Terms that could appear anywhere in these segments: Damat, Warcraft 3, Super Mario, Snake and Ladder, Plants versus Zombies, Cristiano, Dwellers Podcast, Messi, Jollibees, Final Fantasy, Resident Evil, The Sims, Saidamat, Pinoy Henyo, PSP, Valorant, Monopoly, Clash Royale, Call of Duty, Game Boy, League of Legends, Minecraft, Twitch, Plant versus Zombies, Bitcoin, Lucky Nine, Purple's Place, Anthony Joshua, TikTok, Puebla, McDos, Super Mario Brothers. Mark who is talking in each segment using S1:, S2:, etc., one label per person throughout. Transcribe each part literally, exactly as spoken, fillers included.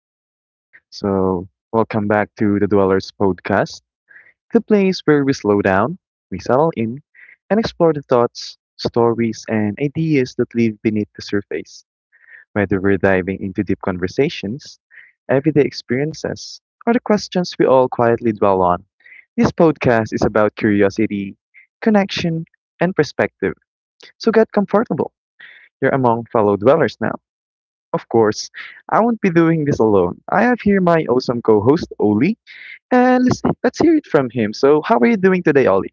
S1: again. So, welcome back to the Dwellers Podcast, the place where we slow down, we settle in, and explore the thoughts, stories, and ideas that live beneath the surface. Whether we're diving into deep conversations, everyday experiences, or the questions we all quietly dwell on, this podcast is about curiosity, connection, and perspective. So, get comfortable. You're among fellow dwellers now. Of course, I won't be doing this alone. I have here my awesome co-host Oli, and let's let's hear it from him. So, how are you doing today, Oli?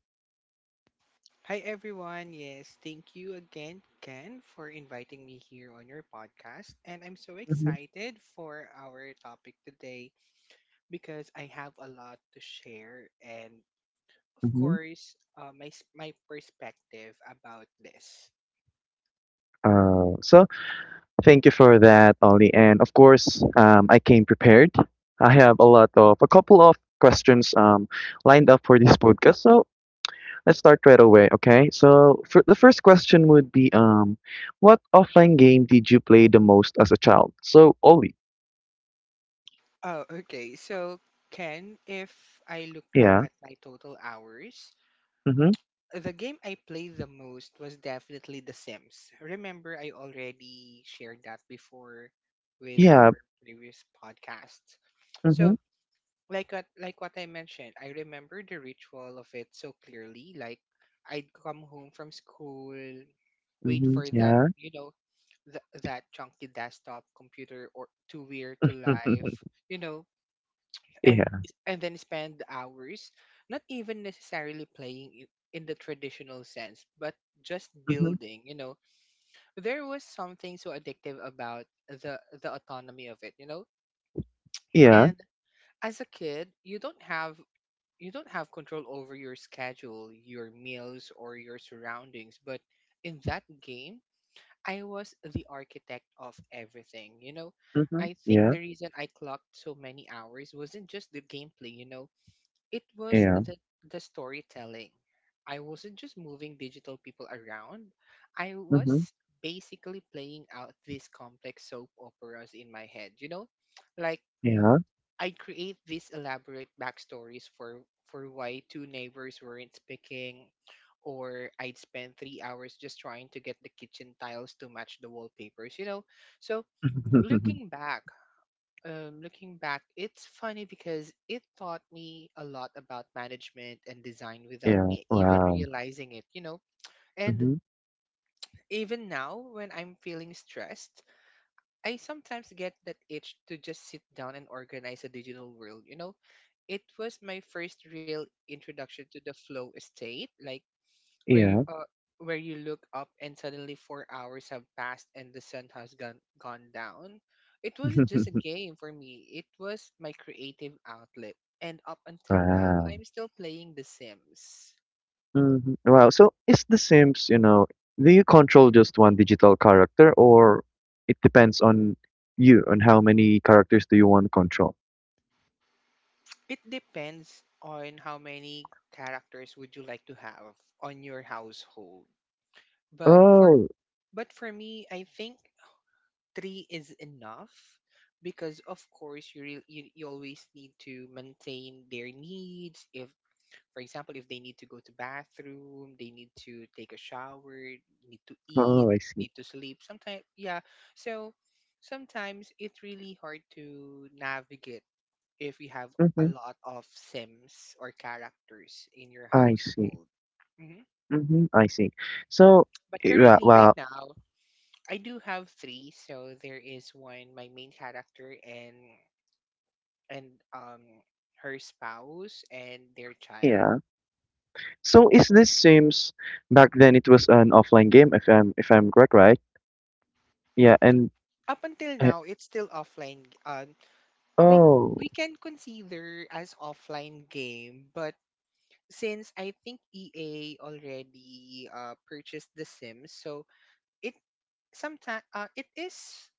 S2: Hi everyone. Yes, thank you again, Ken, for inviting me here on your podcast. And I'm so
S1: hmm
S2: excited for our topic today because I have a lot to share and of
S1: hmm
S2: course, uh, my s- my perspective about this.
S1: Uh, so thank you for that, Ollie. And of course, um, I came prepared. I have a lot of a couple of questions um, lined up for this podcast. So let's start right away. Okay. So for the first question would be, um, what offline game did you play the most as a child? So Ollie.
S2: Oh, okay. So, Ken, if I look back
S1: Yeah.
S2: at my total hours,
S1: Mm-hmm.
S2: the game I played the most was definitely The Sims. Remember, I already shared that before with
S1: Yeah.
S2: our previous podcast.
S1: Mm-hmm.
S2: So, like what like what I mentioned, I remember the ritual of it so clearly. Like, I'd come home from school, wait for that,
S1: Mm-hmm.
S2: you know, th- that chunky desktop computer or to wear to life, you know, and
S1: Yeah.
S2: and then spend hours not even necessarily playing i- in the traditional sense, but just
S1: Mhm.
S2: building, you know. There was something so addictive about the the autonomy of it, you know,
S1: Yeah.
S2: and as a kid you don't have you don't have control over your schedule, your meals, or your surroundings, but in that game I was the architect of everything, you know.
S1: Mhm.
S2: I think
S1: Yeah.
S2: the reason I clocked so many hours wasn't just the gameplay, you know, it was
S1: Yeah.
S2: the, the storytelling. I wasn't just moving digital people around, I was
S1: Mhm.
S2: basically playing out these complex soap operas in my head, you know? Like,
S1: Yeah.
S2: I create these elaborate backstories for, for why two neighbors weren't speaking, or I'd spend three hours just trying to get the kitchen tiles to match the wallpapers, you know? So, looking back, um, looking back, it's funny because it taught me a lot about management and design without
S1: Yeah.
S2: me even
S1: Wow.
S2: realizing it, you know? And
S1: Mhm.
S2: even now, when I'm feeling stressed, I sometimes get that itch to just sit down and organize a digital world, you know? It was my first real introduction to the flow state, like where
S1: Yeah.
S2: uh, where you look up and suddenly four hours have passed and the sun has gone gone down. It wasn't just a game for me. It was my creative outlet. And up until now,
S1: Wow.
S2: I'm still playing The Sims.
S1: Mhm. Wow. So is The Sims, you know, do you control just one digital character or it depends on you, on how many characters do you want to control?
S2: It depends on how many characters would you like to have on your household. But for
S1: Oh,
S2: but for me, I think three is enough because of course you, re- you you always need to maintain their needs. If, for example, if they need to go to bathroom, they need to take a shower, need to eat,
S1: oh, I see.
S2: need to sleep. Sometimes, yeah. So sometimes it's really hard to navigate if you have a
S1: Mm-hmm.
S2: lot of sims or characters in your
S1: I see.
S2: household. Hmm
S1: Mm-hmm. I see. So,
S2: But
S1: eh, wa-
S2: currently, right
S1: well,
S2: now, I do have three. So there is one, my main character, and and um her spouse and their child.
S1: yeah. So is this Sims back then it was an offline game if I'm if I'm correct, right? Yeah, and
S2: Up until
S1: uh,
S2: now, it's still offline. Uh, we
S1: oh
S2: we can consider as offline game, but since I think E A already uh, purchased The Sims, so it sometimes uh, it is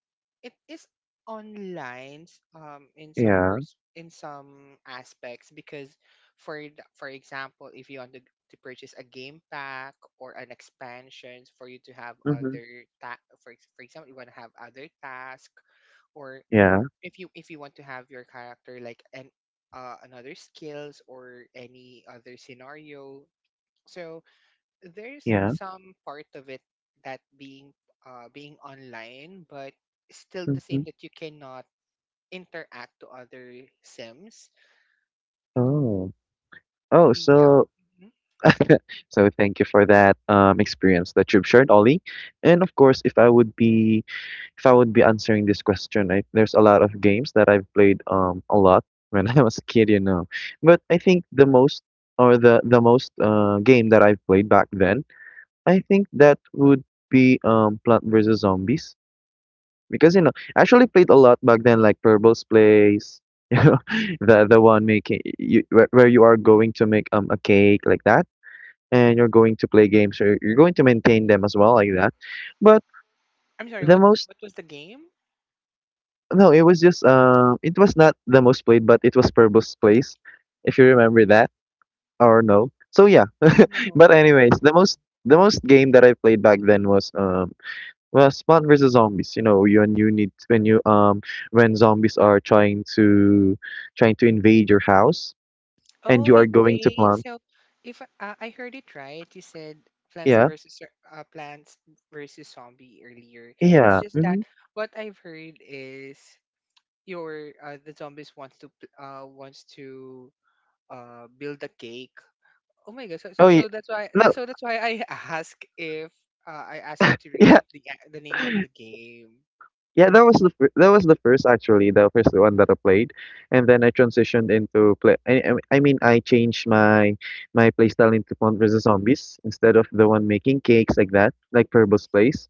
S2: it is online um in some
S1: yeah.
S2: pers- in some aspects because for the, for example, if you want to, to purchase a game pack or an expansion for you to have
S1: Mm-hmm.
S2: other ta- for ex- for example you want to have other tasks, or
S1: Yeah,
S2: if you if you want to have your character like an uh, another skills or any other scenario, so there's
S1: yeah.
S2: some part of it that being uh, being online, but still the
S1: Mm-hmm.
S2: same that you cannot interact to other sims.
S1: Oh. Oh,
S2: yeah
S1: so
S2: Mhm.
S1: so thank you for that um experience that you've shared, Ollie. And of course, if I would be if I would be answering this question, I, there's a lot of games that I've played um a lot when I was a kid, you know. But I think the most or the the most uh game that I've played back then I think that would be um Plant versus Zombies because you know I actually played a lot back then like Purple's Place, you know the the one making you where, where you are going to make um a cake like that and you're going to play games or you're going to maintain them as well like that, but
S2: I'm sorry,
S1: the
S2: what
S1: most
S2: what was the game?
S1: no it was just um it was not the most played but it was Purple's Place if you remember that or no so yeah but
S2: No.
S1: anyways the most the most game that I played back then was um Well, Spot versus zombies, you know, you and you need when you um when zombies are trying to trying to invade your house and
S2: Oh,
S1: you are going to
S2: invade.
S1: plant.
S2: So, if uh, I heard it right, you said Plants
S1: Yeah.
S2: versus Zo- uh, Plants versus Zombie earlier. It's
S1: Yeah.
S2: just that
S1: hmm
S2: what I've heard is your uh, the zombies wants to p- uh wants to uh build a cake. Oh my gosh! So, so
S1: Oh yeah.
S2: so that's why
S1: No.
S2: that's- so that's why I ask if uh, I ask you to
S1: Yeah.
S2: repeat the a- the name of the game.
S1: Yeah, that was the fir- that was the first actually, the first one that I played, and then I transitioned into play. I, I I mean, I changed my my playstyle into Plant versus Zombies instead of the one making cakes like that, like Purple's place.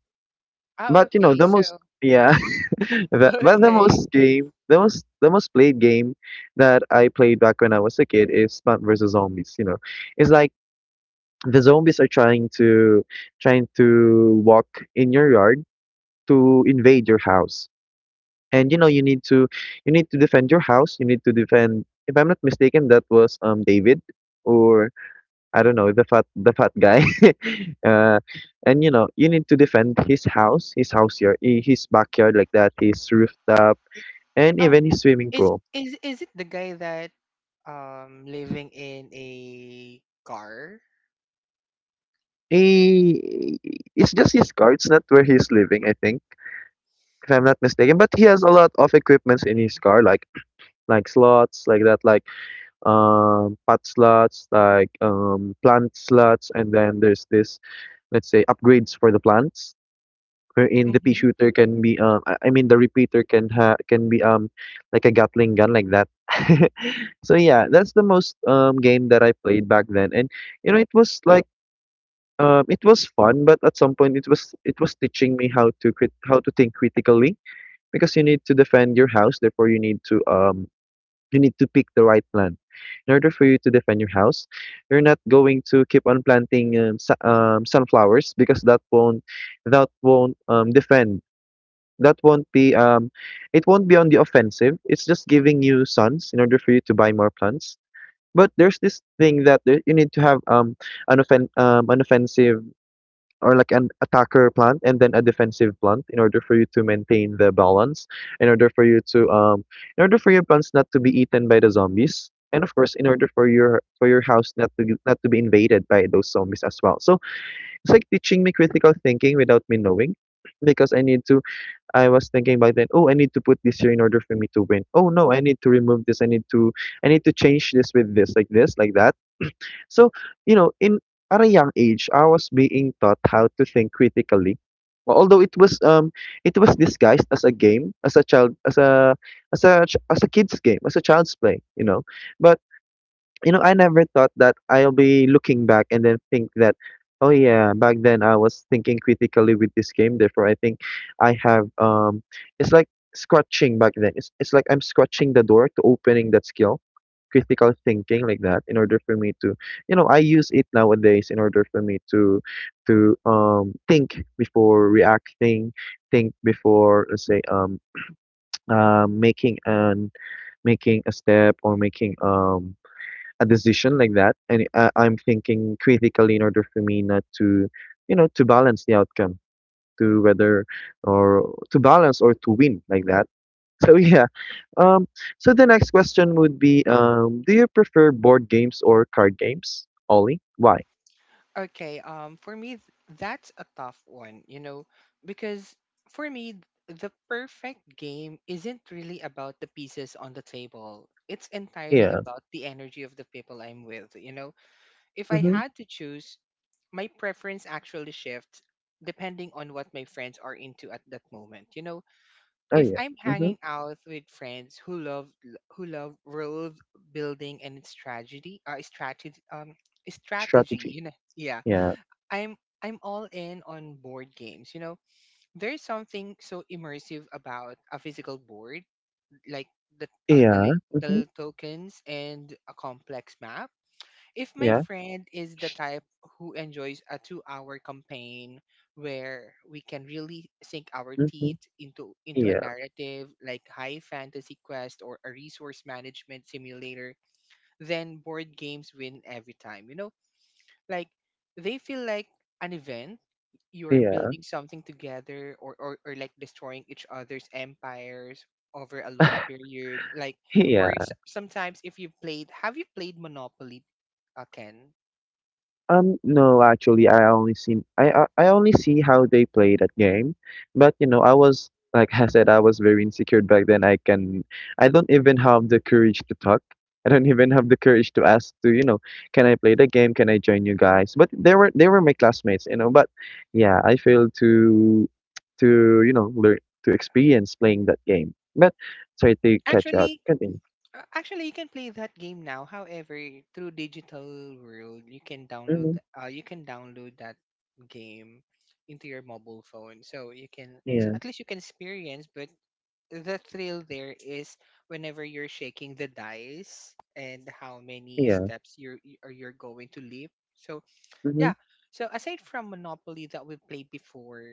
S2: Ah,
S1: But you know
S2: okay.
S1: the most
S2: So
S1: yeah, the, but the
S2: okay.
S1: most game, the most the most played game that I played back when I was a kid is Plant versus Zombies. You know, it's like the zombies are trying to trying to walk in your yard to invade your house, and you know you need to you need to defend your house. You need to defend. If I'm not mistaken, that was um David, or I don't know, the fat the fat guy. uh, and you know, you need to defend his house, his house here, i- his backyard like that, his rooftop, and
S2: Um,
S1: even his swimming
S2: is
S1: pool.
S2: is is it the guy that um living in a car?
S1: He, it's just his car. It's not where he's living, I think, if I'm not mistaken. But he has a lot of equipments in his
S2: Mm-hmm.
S1: car, like like slots, like that, like um pot slots, like um plant slots, and then there's this, let's say, upgrades for the plants wherein the pea
S2: Mm-hmm.
S1: shooter can be um I I mean the repeater can ha can be um like a Gatling gun like that. So yeah, that's the most um game that I played back then. And you know, it was like um it was fun, but at some point it was it was teaching me how to crit how to think critically because you need to defend your house, therefore you need to um you need to pick the right plan. In order for you to defend your house, you're not going to keep on planting um, su- um sunflowers because that won't that won't um defend that won't be um it won't be on the offensive, it's just giving you funds in order for you to buy more plants, but there's this thing that there- you need to have um an offen- um an offensive or like an attacker plant and then a defensive plant in order for you to maintain the balance in order for you to um in order for your plants not to be eaten by the zombies, and of course in order for your for your house not to not to be invaded by those zombies as well. So it's like teaching me critical thinking without me knowing because I need to I was thinking back then, oh, I need to put this here in order for me to win. Oh no, I need to remove this. I need to I need to change this with this, like this, like that. So, you know, in at a young age, I was being taught how to think critically. Well, although it was um it was disguised as a game, as a child, as a as a ch- as a kid's game, as a child's play, you know. But you know, I never thought that I'll be looking back and then think that, oh yeah, back then I was thinking critically with this game. Therefore, I think I have um, it's like scratching back then. It's it's like I'm scratching the door to opening that skill, critical thinking like that, in order for me to, you know, I use it nowadays in order for me to, to um think before reacting, think before let's say um uh, making an making a step or making um a decision like that, and uh, I'm thinking critically in order for me not to you know to balance the outcome to whether or to balance or to win like that. So yeah, um so the next question would be um do you prefer board games or card games, Ollie, why?
S2: Okay. Um, for me, th- that's a tough one. You know, because for me, th- the perfect game isn't really about the pieces on the table. It's entirely
S1: Yeah.
S2: about the energy of the people I'm with. You know, if I
S1: Mm-hmm.
S2: had to choose, my preference actually shifts depending on what my friends are into at that moment. You know,
S1: Oh
S2: if
S1: yeah.
S2: I'm
S1: Mm-hmm.
S2: hanging out with friends who love who love world building and its tragedy uh, strategy, um, strategy,
S1: Strategy.
S2: you know, yeah,
S1: Yeah.
S2: I'm I'm all in on board games. You know, there's something so immersive about a physical board, like the uh, the
S1: Yeah.
S2: lit-
S1: Mm-hmm.
S2: the tokens and a complex map. If my
S1: Yeah.
S2: friend is the type who enjoys a two hour campaign where we can really sink our
S1: Mm-hmm.
S2: teeth into into a
S1: Yeah.
S2: narrative like high fantasy quest or a resource management simulator, then board games win every time, you know. Like, they feel like an event. You're
S1: Yeah.
S2: building something together, or, or, or like destroying each other's empires over a long period. Like, or s-
S1: Yeah.
S2: sometimes if you've played have you played monopoly, uh, Ken?
S1: Um, no, actually, I only see I I I only see how they play that game, but you know, I was like I said, I was very insecure back then. I can, I don't even have the courage to talk. I don't even have the courage to ask to, you know, can I play the game? Can I join you guys? But they were they were my classmates, you know. But yeah, I failed to to you know learn to experience playing that game. But sorry to catch up.
S2: Actually,
S1: Continue.
S2: uh, Actually, you can play that game now. However, through digital world, you can download. Th-
S1: Mm-hmm.
S2: Uh, you can download that game into your mobile phone, so you can, so
S1: Yeah,
S2: at least you can experience. But the thrill there is whenever you're shaking the dice and how many
S1: yeah.
S2: steps you're y- or you're going to leap. So yeah.
S1: Mm-hmm.
S2: So aside from Monopoly that we played before,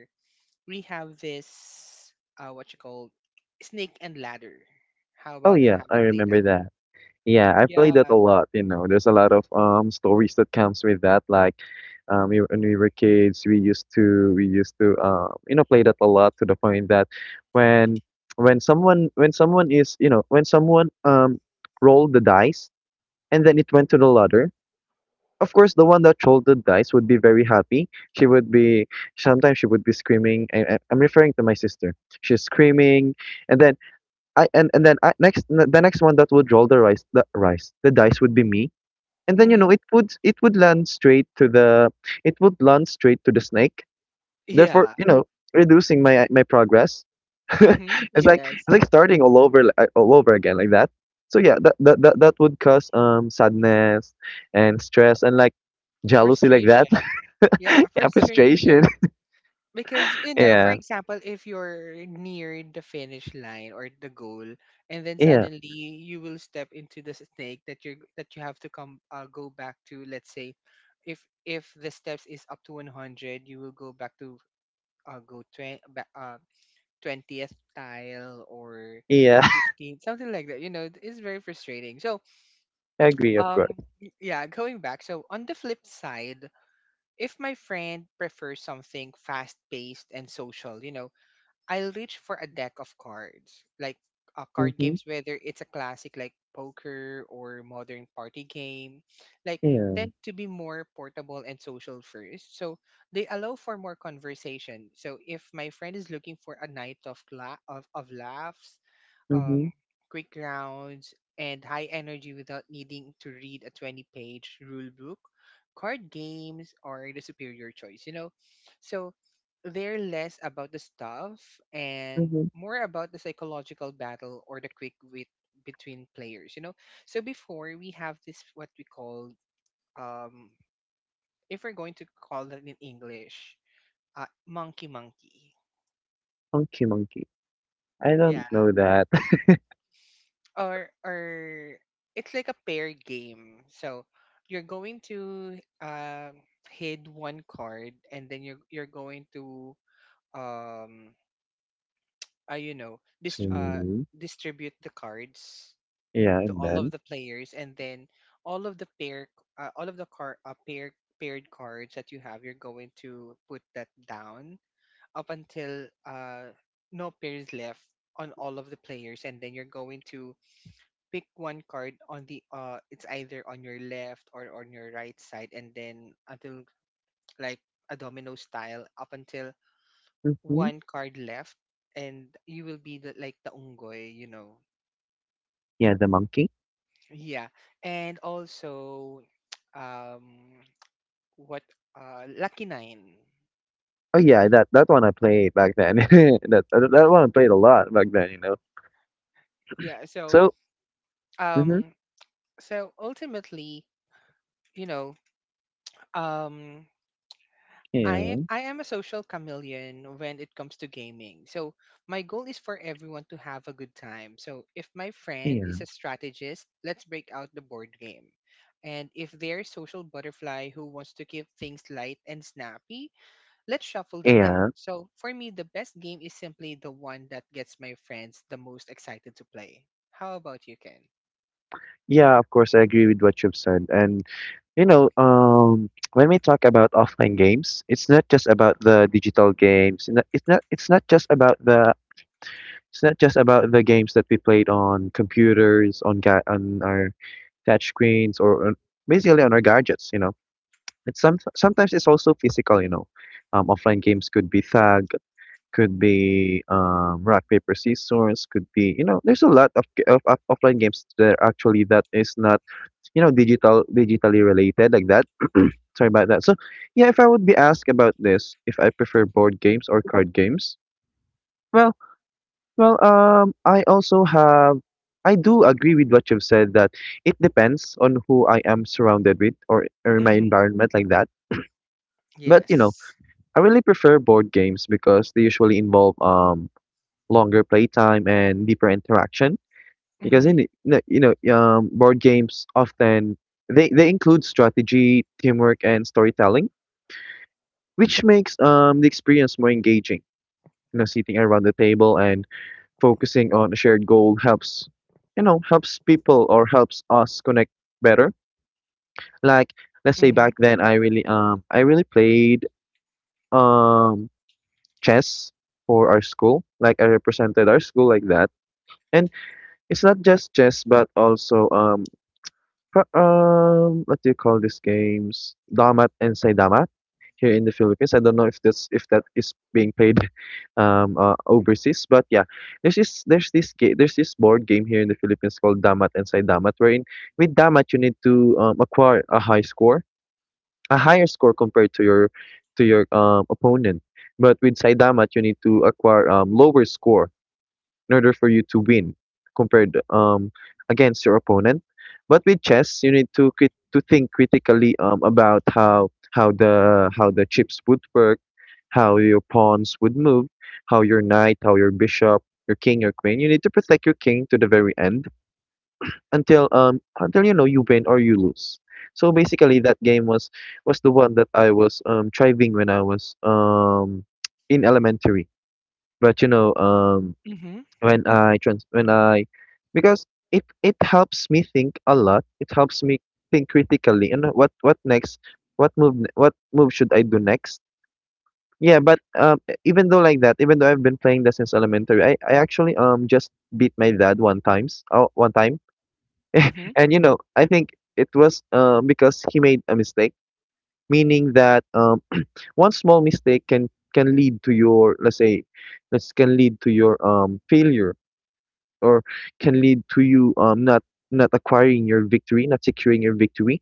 S2: we have this uh what you call Snake and Ladder. How
S1: Oh
S2: about that?
S1: yeah,
S2: Have you
S1: I
S2: played that?
S1: remember that. Yeah, I played that
S2: Yeah.
S1: a lot, you know. There's a lot of um stories that comes with that. Like, um, we, when we were kids, we used to we used to um, you know play that a lot to the point that when when someone when someone is you know when someone um rolled the dice and then it went to the ladder. Of course, the one that rolled the dice would be very happy. She would be sometimes she would be screaming. I, I- I'm referring to my sister. She's screaming, and then I and and then I, next n- the next one that would roll the rice the rice the dice would be me, and then you
S2: Mm-hmm.
S1: know it would it would land straight to the it would land straight to the snake.
S2: Yeah.
S1: Therefore, you know, reducing my my progress.
S2: Mm-hmm.
S1: it's like
S2: Yes.
S1: it's like starting all over like, all over again like that. So yeah, that that that, that would cause um sadness and stress and like jealousy like that,
S2: Frustration. Yeah,
S1: yeah,
S2: frustration.
S1: frustration.
S2: Because, you know, for
S1: yeah,
S2: example, if you're near the finish line or the goal, and then
S1: yeah,
S2: suddenly you will step into the snake that you're that you have to come, uh, go back to, let's say, if if the steps is up to one hundred, you will go back to uh, go twenty, back, uh, twentieth tile or
S1: yeah.
S2: fifteen, something like that, you know. It's very frustrating, so
S1: I agree, of
S2: um
S1: course.
S2: y- yeah, going back, so on the flip side, if my friend prefers something fast paced and social, you know, I'll reach for a deck of cards, like uh, card games,
S1: Mhm.
S2: whether it's a classic like poker or modern party game, like, tend
S1: Yeah.
S2: to be more portable and social first. So they allow for more conversation. So if my friend is looking for a night of la- of, of laughs, um,
S1: Mhm.
S2: quick rounds, and high energy without needing to read a twenty page rule book, card games are the superior choice, you know? So they're less about the stuff and
S1: Mhm.
S2: more about the psychological battle or the quick wit between players, you know? So before we have this, what we call, um, if we're going to call it in English, uh, monkey monkey.
S1: Monkey, monkey. I
S2: Yeah.
S1: don't know that.
S2: or or it's like a pair game. So you're going to um hid one card, and then you're you're going to um uh, you know, dist- uh
S1: Hmm.
S2: distribute the cards
S1: Yeah,
S2: to
S1: and
S2: all of
S1: then?
S2: the players, and then all of the pair uh, all of the car uh, pair paired cards that you have, you're going to put that down up until uh no pairs left on all of the players, and then you're going to pick one card on the uh it's either on your left or on your right side, and then until, like, a domino style, up until
S1: Hmm.
S2: one card left, and you will be the, like, the ungoy, you know.
S1: Yeah, the monkey.
S2: Yeah. And also um what uh lucky nine.
S1: Oh yeah, that that one I played back then. that that that
S2: Yeah.
S1: one I played a lot back then, you know.
S2: Yeah. So
S1: So, hmm
S2: um so ultimately, you know, um
S1: yeah,
S2: I I am a social chameleon when it comes to gaming. So my goal is for everyone to have a good time. So if my friend
S1: yeah,
S2: is a strategist, let's break out the board game. And if they're social butterfly who wants to keep things light and snappy, let's shuffle the deck.
S1: yeah,
S2: So for me, the best game is simply the one that gets my friends the most excited to play. How about you, Ken?
S1: yeah. Of course, I agree with what you've said. And you know, um, when we talk about offline games, it's not just about the digital games. It's not. It's not it's not just about the. It's not just about the games that we played on computers, on ga- on our touch screens, or on, basically on our gadgets. You know It's some sometimes it's also physical, you know. Um, offline games could be tag, could be um, rock paper scissors, could be you know. There's a lot of, g- of, of offline games that are actually that is not you know digital digitally related like that. Sorry about that. So yeah, if I would be asked about this, if I prefer board games or card games, well, well, um, I also have. I do agree with what you've said that it depends on who I am surrounded with or, or my
S2: Mm-hmm.
S1: environment like that. But you know
S2: Yes.
S1: I really prefer board games because they usually involve um longer playtime and deeper interaction. Because in
S2: Mm-hmm.
S1: the- no, you know um board games often they they include strategy, teamwork, and storytelling, which makes um the experience more engaging. You know, sitting around the table and focusing on a shared goal helps, you know, helps people or helps us connect better. Like let's say back
S2: Mm-hmm.
S1: then, I really um I really played um chess for our school. Like I represented our school like that. And it's not just chess, but also um, pro- um, what do you call these games? Damat and Saidama, here in the Philippines. I don't know if that's if that is being played um uh, overseas, but yeah, there's this there's this game, there's this board game here in the Philippines called Damat and Saidamat, wherein with Damat you need to um, acquire a high score a higher score compared to your to your um, opponent. But with Saidamat, you need to acquire um, lower score in order for you to win compared um, against your opponent. But with chess, you need to crit- to think critically um, about how how the how the chips would work, how your pawns would move, how your knight, how your bishop, your king, your queen. You need to protect your king to the very end until um until you know you win or you lose. So basically, that game was was the one that I was um thriving when I was um in elementary. But you know um
S2: Mm-hmm.
S1: when I trans when I because it it helps me think a lot. It helps me think critically and what what next, what move ne- what move should I do next. Yeah, but um, e- even though like that, even though I've been playing that since elementary, I, I actually um just beat my dad one times. Oh, one time,
S2: Mm-hmm.
S1: and you know, I think it was um, because he made a mistake, meaning that um, one small mistake can can lead to your let's say, let's can lead to your um, failure, or can lead to you um, not not acquiring your victory, not securing your victory.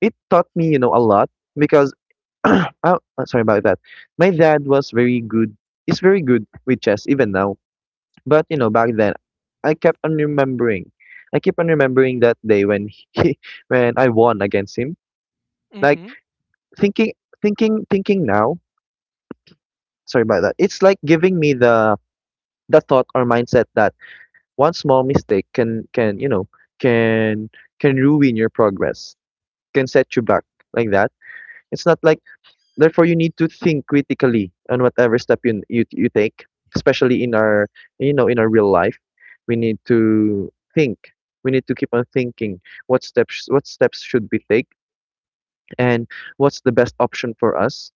S1: It taught me, you know, a lot because oh, uh, sorry about that. My dad was very good. He's very good with chess even now, but you know, back then, I kept on remembering. I keep on remembering that day when he, when I won against him. Like
S2: Mm-hmm.
S1: thinking, thinking, thinking now. Sorry about that. It's like giving me the the thought or mindset that one small mistake can can you know can can ruin your progress, can set you back like that. It's not like Therefore, you need to think critically on whatever step you you you take, especially in our you know in our real life. We need to think. We need to keep on thinking what steps what steps should we take, and what's the best option for us.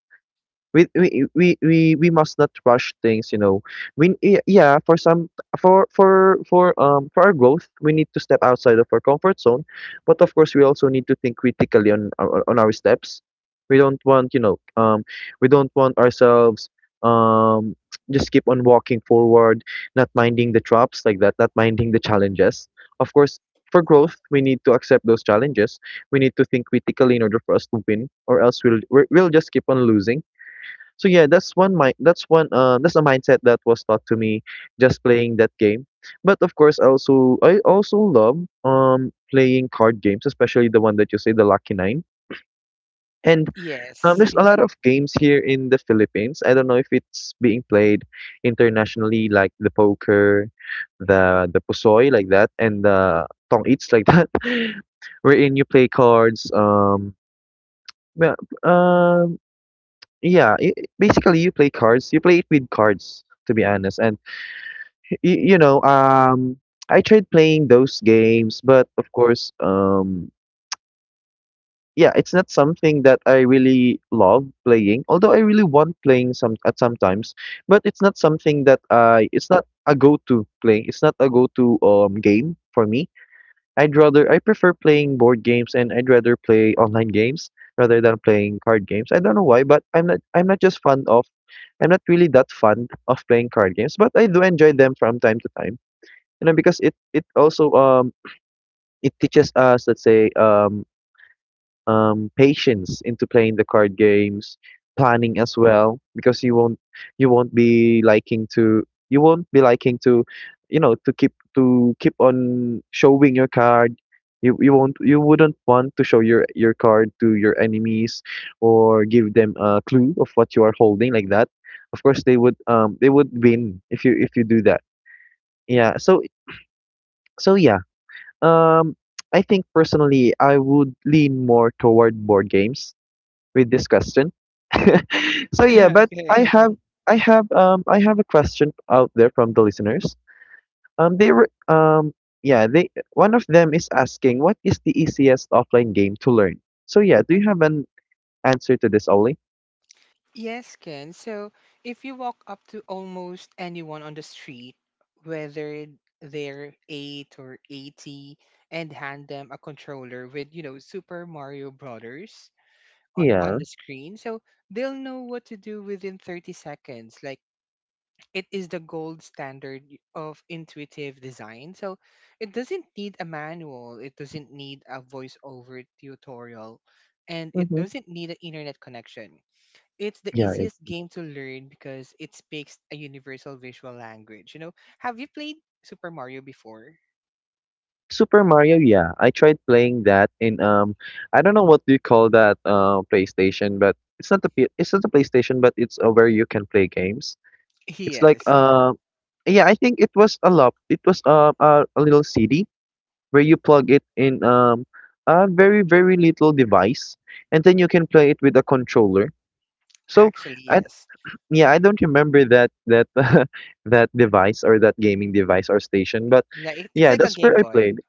S1: We we we we, we must not rush things you know we y- yeah for some for for for um for our growth, we need to step outside of our comfort zone, but of course, we also need to think critically on our- on our steps. We don't want you know um we don't want ourselves, um just keep on walking forward, not minding the traps like that, not minding the challenges. Of course, for growth, we need to accept those challenges. We need to think critically in order for us to win, or else we'll we're- we'll just keep on losing. So yeah, that's one mind that's one uh that's a mindset that was taught to me just playing that game. But of course, I also I also love um playing card games, especially the one that you say, the Lucky Nine. And um,
S2: Yes.
S1: there's a lot of games here in the Philippines. I don't know if it's being played internationally, like the poker, the the pusoy like that, and the tong eats like that, wherein you play cards. Um, well, um yeah, i i basically you play cards. You play it with cards, to be honest. And y you know, um, I tried playing those games, but of course, um, yeah, it's not something that I really love playing. Although I really want playing some at sometimes, but it's not something that I. It's not a go-to play. It's not a go-to um game for me. I'd rather I prefer playing board games, and I'd rather play online games rather than playing card games. I don't know why, but I'm not I'm not just fond of I'm not really that fond of playing card games, but I do enjoy them from time to time, you know, because it it also, um, it teaches us, let's say, um um, patience into playing the card games, planning as well, because you won't you won't be liking to you won't be liking to you know to keep to keep on showing your card. You, you won't you wouldn't want to show your your card to your enemies, or give them a clue of what you are holding like that. Of course they would um they would win if you if you do that. Yeah. So so yeah. Um I think personally I would lean more toward board games with this question. So yeah, but I
S2: Okay.
S1: have
S2: Mhm.
S1: I have um I have a question out there from the listeners. Um they were, um yeah, they one of them is asking, what is the easiest offline game to learn? So yeah, do you have an answer to this, Oli?
S2: Yes, Ken. So if you walk up to almost anyone on the street, whether they're eight or eighty, and hand them a controller with, you know, Super Mario Brothers o-
S1: Yeah.
S2: on the screen, so they'll know what to do within thirty seconds. Like, it is the gold standard y- of intuitive design. So it doesn't need a manual, it doesn't need a voiceover tutorial, and it
S1: Mm-hmm.
S2: doesn't need an internet connection. It's the
S1: Yeah, it-
S2: easiest game to learn because it speaks a universal visual language. You know, have you played Super Mario before?
S1: Super Mario, yeah. I tried playing that in, um I don't know, what do you call that, uh PlayStation? But it's not the it's not a PlayStation, but it's, uh, where you can play games. It's like,
S2: Yes,
S1: uh yeah, I think it was a lap. It was, uh, a a little C D where you plug it in, um a very very little device, and then you can play it with a controller. So
S2: actually,
S1: I
S2: yes.
S1: yeah, I don't remember that that that device, or that gaming device or station, but
S2: Like, it- it's
S1: yeah,
S2: like a
S1: that's where
S2: Game
S1: I
S2: Boy.
S1: played.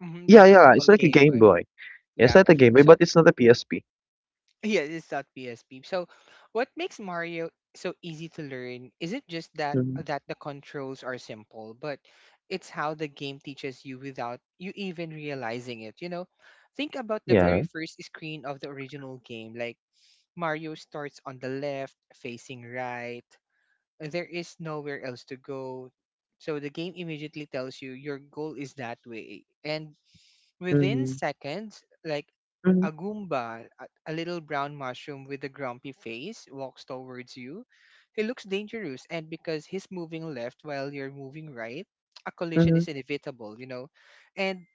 S2: Hmm
S1: Yeah,
S2: that's what we
S1: yeah, it's
S2: call
S1: like a
S2: Game
S1: Game
S2: Boy.
S1: Boy. Yeah, it's
S2: Yeah.
S1: not a Game Boy, but
S2: So
S1: it's not a P S P.
S2: yeah, it's not P S P. So what makes Mario so easy to learn isn't just that
S1: Hmm.
S2: that the controls are simple, but it's how the game teaches you without you even realizing it. You know, think about the
S1: Yeah.
S2: very first screen of the original game, like Mario starts on the left, facing right. There is nowhere else to go. So the game immediately tells you your goal is that way. And within
S1: Hmm.
S2: seconds, like
S1: Hmm.
S2: a Goomba, a, a little brown mushroom with a grumpy face, walks towards you. He looks dangerous, and because he's moving left while you're moving right, a collision
S1: Hmm.
S2: is inevitable, you know? And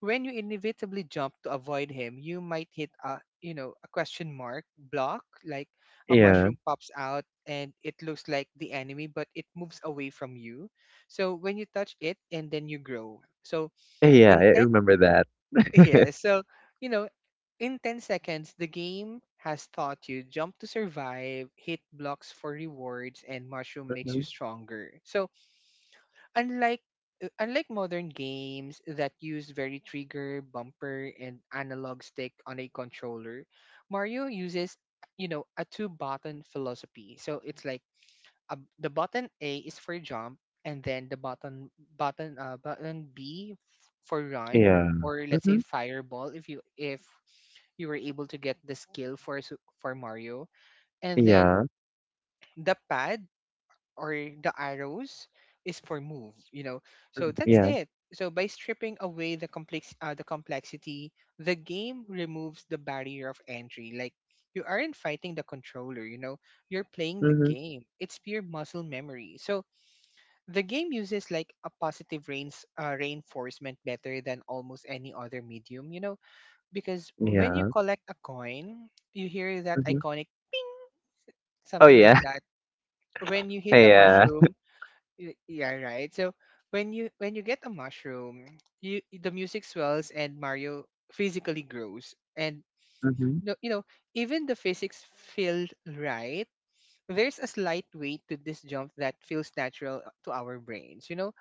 S2: when you inevitably jump to avoid him, you might hit a, you know, a question mark block, like a
S1: Yeah.
S2: mushroom pops out and it looks like the enemy, but it moves away from you. So when you touch it and then you grow. So
S1: Yeah, I
S2: in ten,
S1: remember that.
S2: yeah, so, you know, in ten seconds, the game has taught you jump to survive, hit blocks for rewards, and mushroom makes you
S1: Mhm.
S2: stronger. So unlike Unlike modern games that use very trigger, bumper, and analog stick on a controller, Mario uses, you know, a two button philosophy. So it's like a, the button A is for jump, and then the button button uh, button B f- for run,
S1: Yeah.
S2: or let's say
S1: Mm-hmm.
S2: fireball if you if you were able to get the skill for su- for Mario, and then
S1: Yeah,
S2: the pad or the arrows is for move, you know. So that's
S1: yeah,
S2: it. So by stripping away the complex uh, the complexity, the game removes the barrier of entry. Like, you aren't fighting the controller, you know, you're playing the
S1: mhm,
S2: game. It's pure muscle memory. So the game uses like a positive reins uh, reinforcement better than almost any other medium, you know, because when you
S1: yeah,
S2: collect a coin you hear that
S1: mhm.
S2: iconic
S1: Oh,
S2: something like
S1: yeah,
S2: that. When you hit a
S1: yeah,
S2: mushroom... Y- Yeah, right. So when you when you get a mushroom, you... the music swells and Mario physically grows. And
S1: mhm,
S2: no, you know, even the physics feel right. There's a slight weight to this jump that feels natural to our brains, you know?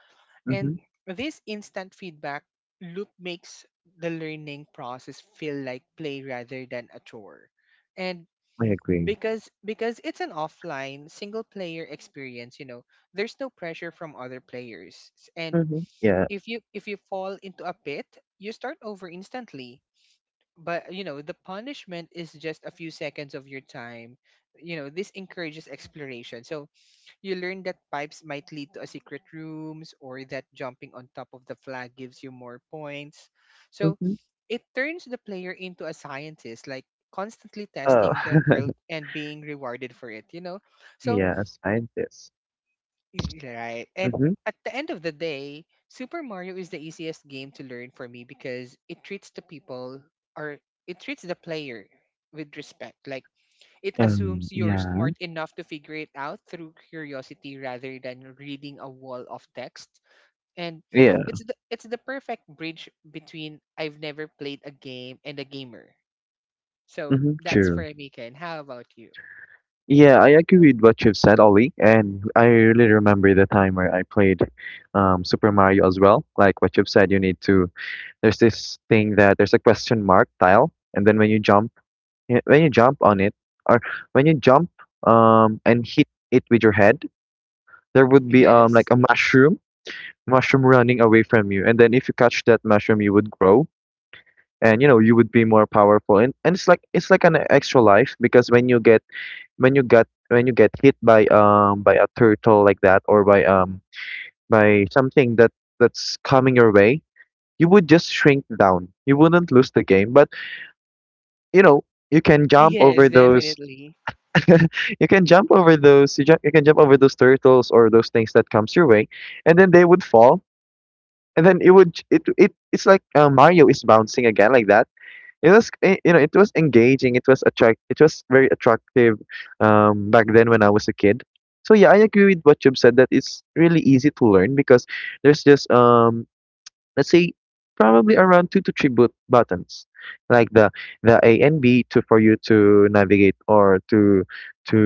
S1: mhm.
S2: And this instant feedback loop makes the learning process feel like play rather than a chore. And
S1: I agree.
S2: because because it's an offline single player experience, you know, there's no pressure from other players. S- and
S1: Mhm, yeah,
S2: if you if you fall into a pit, you start over instantly, but you know, the punishment is just a few seconds of your time. You know, this encourages exploration. So you learn that pipes might lead to a secret rooms, or that jumping on top of the flag gives you more points. So
S1: mhm.
S2: it turns the player into a scientist, like constantly
S1: Oh,
S2: testing the world and being rewarded for it, you know? So,
S1: yeah, a scientist.
S2: y- right. And
S1: Mhm.
S2: at the end of the day, Super Mario is the easiest game to learn for me because it treats the people or it treats the player with respect. Like, it
S1: Um,
S2: assumes you're
S1: yeah,
S2: smart enough to figure it out through curiosity rather than reading a wall of text. And
S1: yeah,
S2: it's the, it's the perfect bridge between I've never played a game and a gamer. So
S1: mhm,
S2: that's for
S1: true.
S2: me, Ken. How about you?
S1: Yeah, I agree with what you've said, Ollie, and I really remember the time where I played, um, Super Mario as well. Like what you've said, you need to, there's this thing that there's a question mark tile, and then when you jump, yeah, when you jump on it, or when you jump um and hit it with your head, there would be um like
S2: Yes.
S1: a mushroom mushroom running away from you, and then if you catch that mushroom, you would grow. And you know you would be more powerful, and, and it's like it's like an extra life, because when you get, when you get when you get hit by um by a turtle like that, or by um by something that that's coming your way, you would just shrink down. You wouldn't lose the game, but you know you can jump
S2: Yes,
S1: over those.
S2: definitely.
S1: you can jump over those you, ju- you can jump over those turtles, or those things that comes your way, and then they would fall, and then it would it it it's like uh, Mario is bouncing again like that. It was, eh, you know it was engaging, it was, attract it was very attractive, um back then when I was a kid. So yeah, I agree with what you've said that it's really easy to learn, because there's just, um let's say probably around two to three, but- buttons, like the the A and B, to for you to navigate, or to to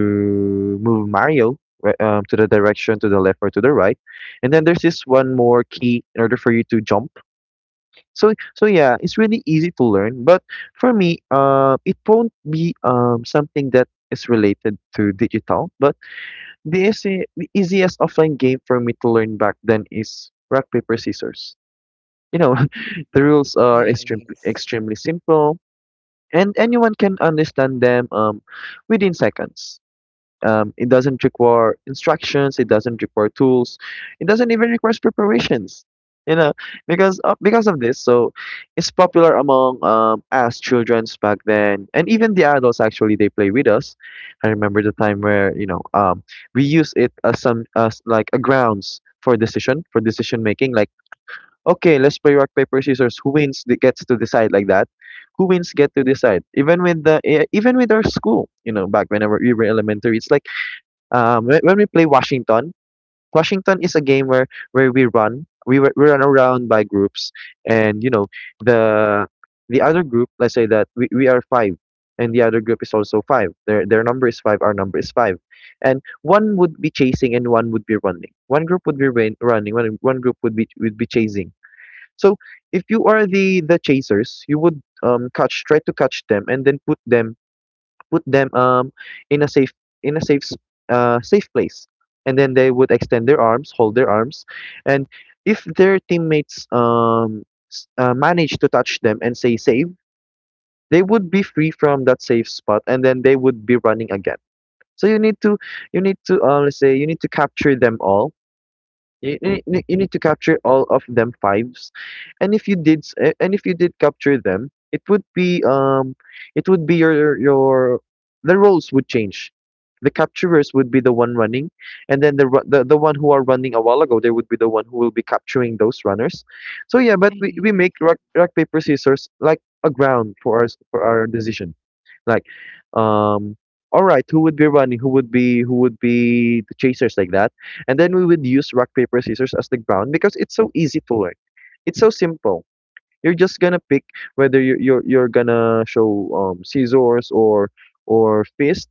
S1: move Mario, wh- um, to the direction, to the left or to the right. And then there's this one more key in order for you to jump. So so yeah, it's really easy to learn. But for me, uh, it won't be, um, something that is related to digital but the, easy, the easiest offline game for me to learn back then is rock paper scissors you know, the rules are extremely
S2: Yes.
S1: extremely simple, and anyone can understand them um, within seconds. Um, it doesn't require instructions. It doesn't require tools. It doesn't even require preparations. You know, because of, because of this, so it's popular among um, us childrens back then, and even the adults actually they play with us. I remember the time where you know um, we use it as some as like a grounds for decision for decision making, like okay, let's play rock paper scissors. Who wins that gets to decide like that. Who wins get to decide. Even with the e- even with our school, you know, back whenever we were elementary, it's like um when, when we play Washington. Washington is a game where where we run. We were- we run around by groups, and you know the the other group. Let's say that we, we are five, and the other group is also five. Their their number is five. Our number is five, and one would be chasing and one would be running. One group would be rain, running. One one group would be would be chasing, so if you are the the chasers, you would um catch try to catch them and then put them put them um in a safe in a safe s- uh safe place. And then they would extend their arms, hold their arms, and if their teammates um s- uh, manage to touch them and say save, they would be free from that safe spot and then they would be running again. So you need to you need to uh, let's say you need to capture them all, you, you ne- you need to capture all of them fives, and if you did, s- a- and if you did capture them, it would be um, it would be your your the roles would change. The capturers would be the one running, and then the ru- the, the one who are running a while ago, they would be the one who will be capturing those runners. So yeah, but we,
S2: Mm-hmm.
S1: we make rock, rock paper scissors like a ground for our s- for our decision. Like, um, all right, who would be running? Who would be who would be the chasers like that? And then we would use rock paper scissors as the ground because it's so easy to learn. It's so simple. You're just gonna pick whether you're you're, you're gonna show um, scissors, or or fist,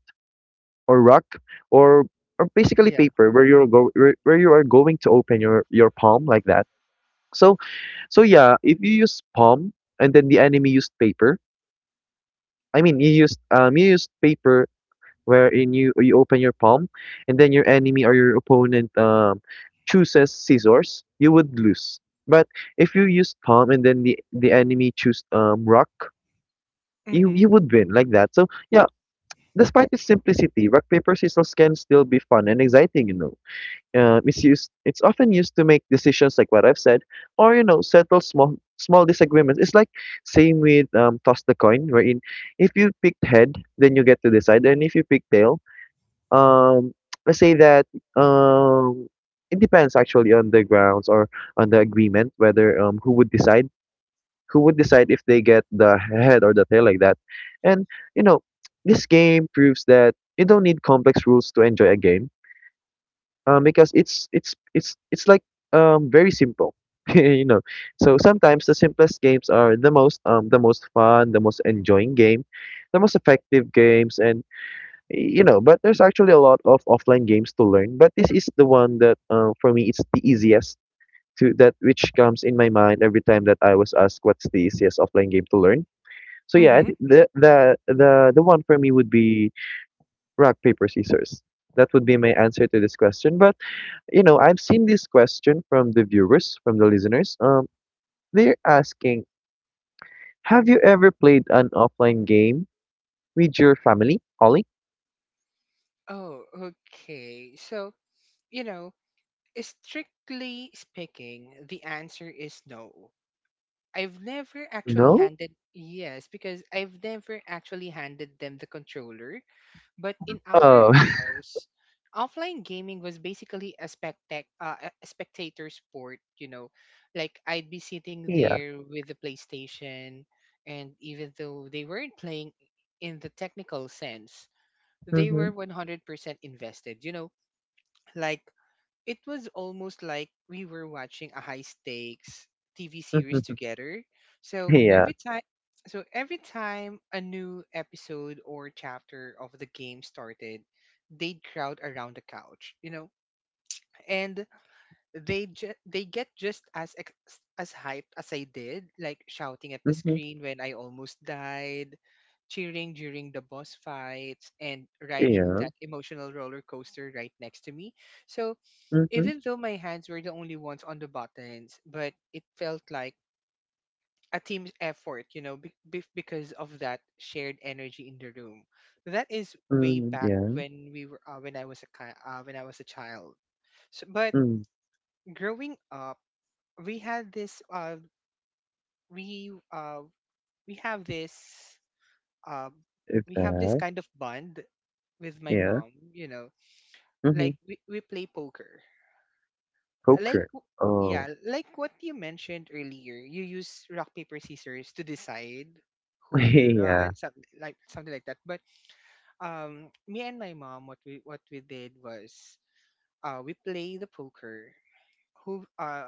S1: or rock, or or basically
S2: Yeah.
S1: paper where you're go where, where you are going to open your your palm like that. So so yeah, if you use palm and then the enemy used paper, I mean you used um you used paper wherein you you open your palm and then your enemy or your opponent um chooses scissors, you would lose. But if you use palm and then the the enemy choose um rock, you
S2: Mm-hmm.
S1: you would win like that. So yeah, despite its simplicity, rock paper scissors can still be fun and exciting. You know, uh, it's used it's often used to make decisions like what I've said, or you know settle small small disagreements. It's like same with um, toss the coin, wherein if you picked head, then you get to decide, and if you pick tail, um, let's say that um, it depends actually on the grounds or on the agreement whether um who would decide who would decide if they get the head or the tail like that. And you know, this game proves that you don't need complex rules to enjoy a game. Um, because it's it's it's it's like um very simple. you know, so sometimes the simplest games are the most um the most fun, the most enjoying game, the most effective games, and you know but there's actually a lot of offline games to learn, but this is the one that uh, for me it's the easiest to that which comes in my mind every time that I was asked what's the easiest offline game to learn. So yeah, I
S2: Mm-hmm.
S1: think the the the, the one for me would be rock paper scissors. That would be my answer to this question. But you know I've seen this question from the viewers from the listeners, um they're asking, have you ever played an offline game with your family, Holly?
S2: Oh, okay. So, you know, strictly speaking, the answer is no. I've never actually
S1: No.
S2: handed... yes, because I've never actually handed them the controller. But in our
S1: Oh.
S2: house, offline gaming was basically a spectac uh, a a spectator sport. You know, like I'd be sitting
S1: Yeah.
S2: there with the PlayStation, and even though they weren't playing in the technical sense, they
S1: Hmm.
S2: were one hundred percent invested. You know, like it was almost like we were watching a high stakes T V series together. So
S1: Yeah.
S2: every time... so every time a new episode or chapter of the game started, they'd crowd around the couch, you know, and they ju- they get just as ex- as hyped as I did, like shouting at the
S1: Mhm.
S2: screen when I almost died, cheering during the boss fights, and riding
S1: Yeah.
S2: that emotional roller coaster right next to me. So
S1: Mhm.
S2: even though my hands were the only ones on the buttons, but it felt like a team's effort, you know, be- be- because of that shared energy in the room. That is way
S1: Mm,
S2: back
S1: yeah.
S2: when we were uh, when I was a ki- uh, when I was a child. So, but
S1: Mm,
S2: growing up, we had this uh we uh we have this uh we have this
S1: okay.
S2: kind of bond with my
S1: Yeah.
S2: mom, you know.
S1: Mhm.
S2: Like, we, we play poker. like
S1: Poker.
S2: w-
S1: Oh.
S2: yeah, like what you mentioned earlier, you use rock paper scissors to decide who will
S1: Yeah.
S2: run, something like something like that. But um, me and my mom, what we what we did was uh we play the poker. Who uh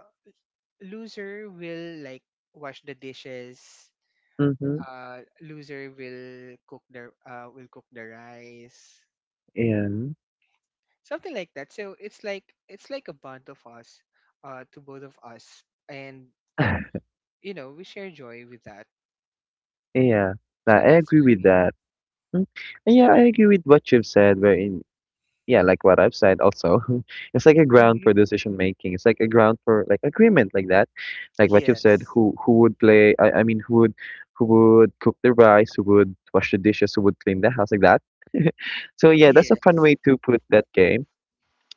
S2: Loser will, like, wash the dishes.
S1: Mhm.
S2: Uh, loser will cook the uh will cook the rice,
S1: And
S2: something like that. So it's like it's like a bond of us, uh, to both of us, and you know, we share joy with that.
S1: yeah. Nah,
S2: So
S1: I
S2: that's
S1: agree
S2: for
S1: with
S2: me.
S1: that. Mm. Yeah, I agree with what you've said, wherein yeah, like what I've said also, it's like a ground
S2: Hmm.
S1: for decision making. It's like a ground for like agreement like that. Like what you've said,
S2: Yes.
S1: who who would play, I, I mean who would who would cook the rice, who would wash the dishes, who would clean the house like that. So yeah, that's a fun
S2: Yes.
S1: way to put that game.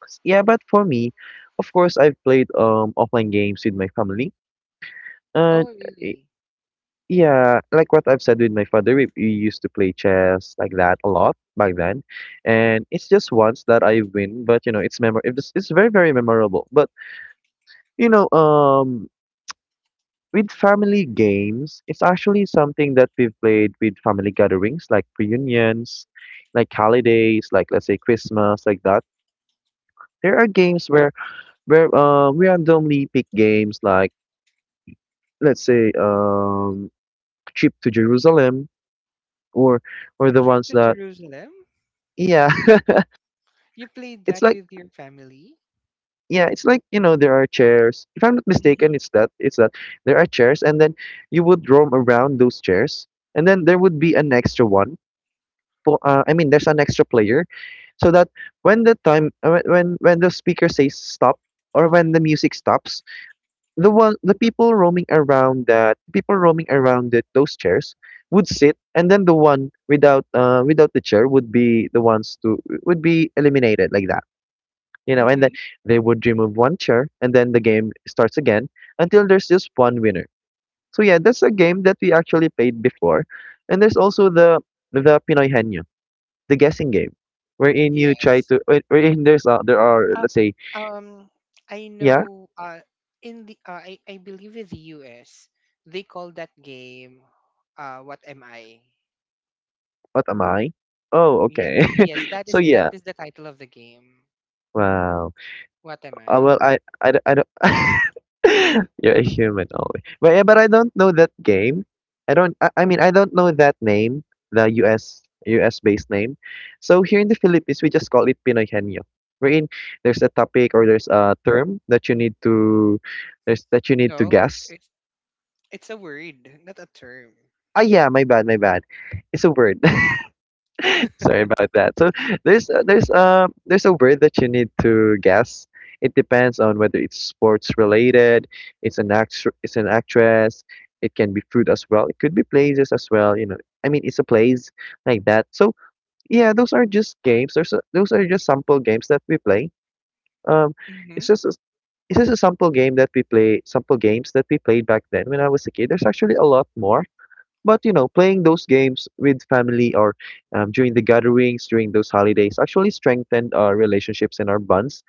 S1: S- Yeah, but for me, of course I've played um offline games with my family. Uh
S2: Oh really.
S1: yeah, like what I've said with my father, we, we used to play chess like that a lot back then, and it's just once that I win, but you know, it's memor it's it's very very memorable. But you know, um, with family games, it's actually something that we've played with family gatherings, like reunions, like holidays, like let's say Christmas, like that. There are games where where uh, we randomly pick games, like let's say um, Trip to Jerusalem, or or the
S2: Trip
S1: ones
S2: to
S1: that,
S2: Jerusalem.
S1: yeah.
S2: You played
S1: It's
S2: that
S1: like
S2: with your family?
S1: yeah, it's like, you know, there are chairs. If I'm not
S2: Mm-hmm.
S1: mistaken, it's that it's that there are chairs, and then you would roam around those chairs, and then there would be an extra one for uh, I mean there's an extra player, so that when the time uh, when when when the speaker says stop or when the music stops, the one the people roaming around, that people roaming around the, those chairs would sit, and then the one without uh, without the chair would be the ones to would be eliminated like that. you know, and then
S2: Mm-hmm.
S1: they would remove one chair, and then the game starts again until there's just one winner. So yeah, that's a game that we actually played before, and there's also the the Pinoy Henyo, the guessing game, wherein you try
S2: Yes.
S1: to where- wherein there's uh, there are,
S2: uh,
S1: let's say,
S2: um I
S1: yeah,
S2: know. Uh in the uh, I, I believe in the US they call that game, uh, what am I.
S1: what am I? Oh,
S2: Yes.
S1: okay.
S2: yes that
S1: So
S2: is that
S1: yeah,
S2: is the title of the game.
S1: wow.
S2: What am
S1: Uh,
S2: I.
S1: well, I, I, d- I don't. You're a human only, but yeah, but I don't know that game. I don't. I, I mean, I don't know that name, the U S. U S based name. So here in the Philippines, we just call it Pinoy Henyo. Wherein there's a topic or there's a term that you need to, there's that you need to
S2: No,
S1: guess.
S2: it's... it's a word, not a term.
S1: Ah, yeah, my bad, my bad. It's a word. Sorry about that. So there's a- there's uh there's a word that you need to guess. It depends on whether it's sports related, it's an act, it's an actress. It can be food as well. It could be places as well. You know, I mean, it's a place like that. So yeah, those are just games. Those are, those are just sample games that we play. Um,
S2: Mm-hmm.
S1: it's just a, it's just a, sample game that we play. Sample games that we played back then when I was a kid. There's actually a lot more. But you know, playing those games with family or um, during the gatherings, during those holidays, actually strengthened our relationships and our bonds.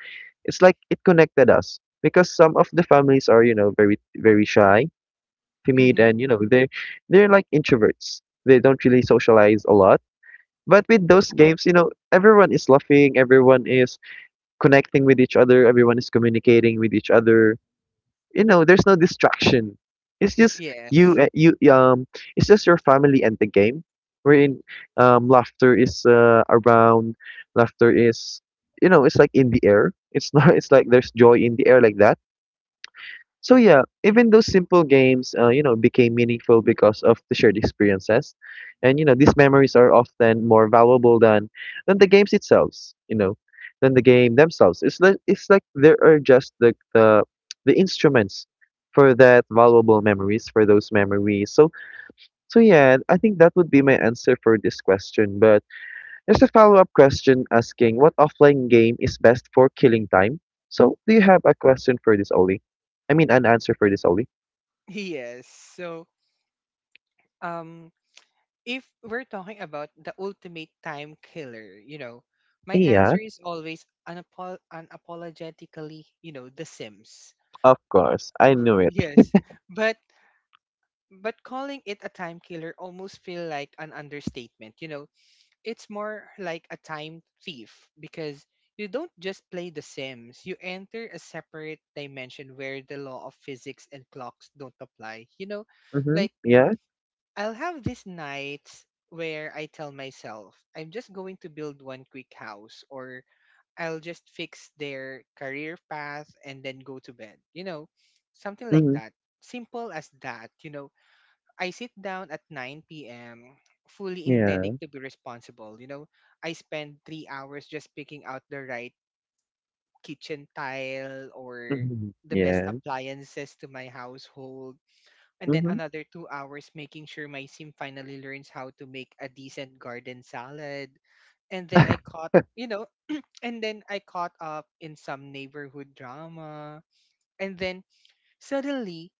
S1: It's like it connected us because some of the families are, you know, very very shy, timid, and you know they're they're like introverts. They don't really socialize a lot. But with those games, you know, everyone is laughing, everyone is connecting with each other, everyone is communicating with each other, you know there's no distraction, it's just you
S2: Yes.
S1: uh, you um it's just your family and the game, wherein um laughter is uh, around, laughter is you know it's like in the air. It's not, it's like there's joy in the air like that. So yeah, even those simple games, uh, you know, became meaningful because of the shared experiences, and you know these memories are often more valuable than than the games themselves. You know, than the game themselves. It's like it's like there are just the the the instruments for that valuable memories for those memories. So so yeah, I think that would be my answer for this question. But there's a follow-up question asking what offline game is best for killing time. So, do you have a question for this, Oli? I mean, an answer for this, Oli?
S2: Yes. So, um, if we're talking about the ultimate time killer, you know, my
S1: Yeah,
S2: answer is always unapo- unapologetically, you know, The Sims.
S1: of course. I knew it.
S2: Yes. But but calling it a time killer almost feel like an understatement, you know. It's more like a time thief, because you don't just play The Sims, you enter a separate dimension where the law of physics and clocks don't apply. You know,
S1: Mm-hmm.
S2: like
S1: Yeah.
S2: I'll have these nights where I tell myself I'm just going to build one quick house, or I'll just fix their career path and then go to bed. You know, something like
S1: Mm-hmm.
S2: that. Simple as that. You know, I sit down at nine p m fully
S1: Yeah.
S2: intending to be responsible. You know, I spend three hours just picking out the right kitchen tile or
S1: Mm-hmm.
S2: the best
S1: Yeah.
S2: appliances to my household, and then
S1: Mm-hmm.
S2: another two hours making sure my sim finally learns how to make a decent garden salad. And then I caught, you know, and then I caught up in some neighborhood drama. And then suddenly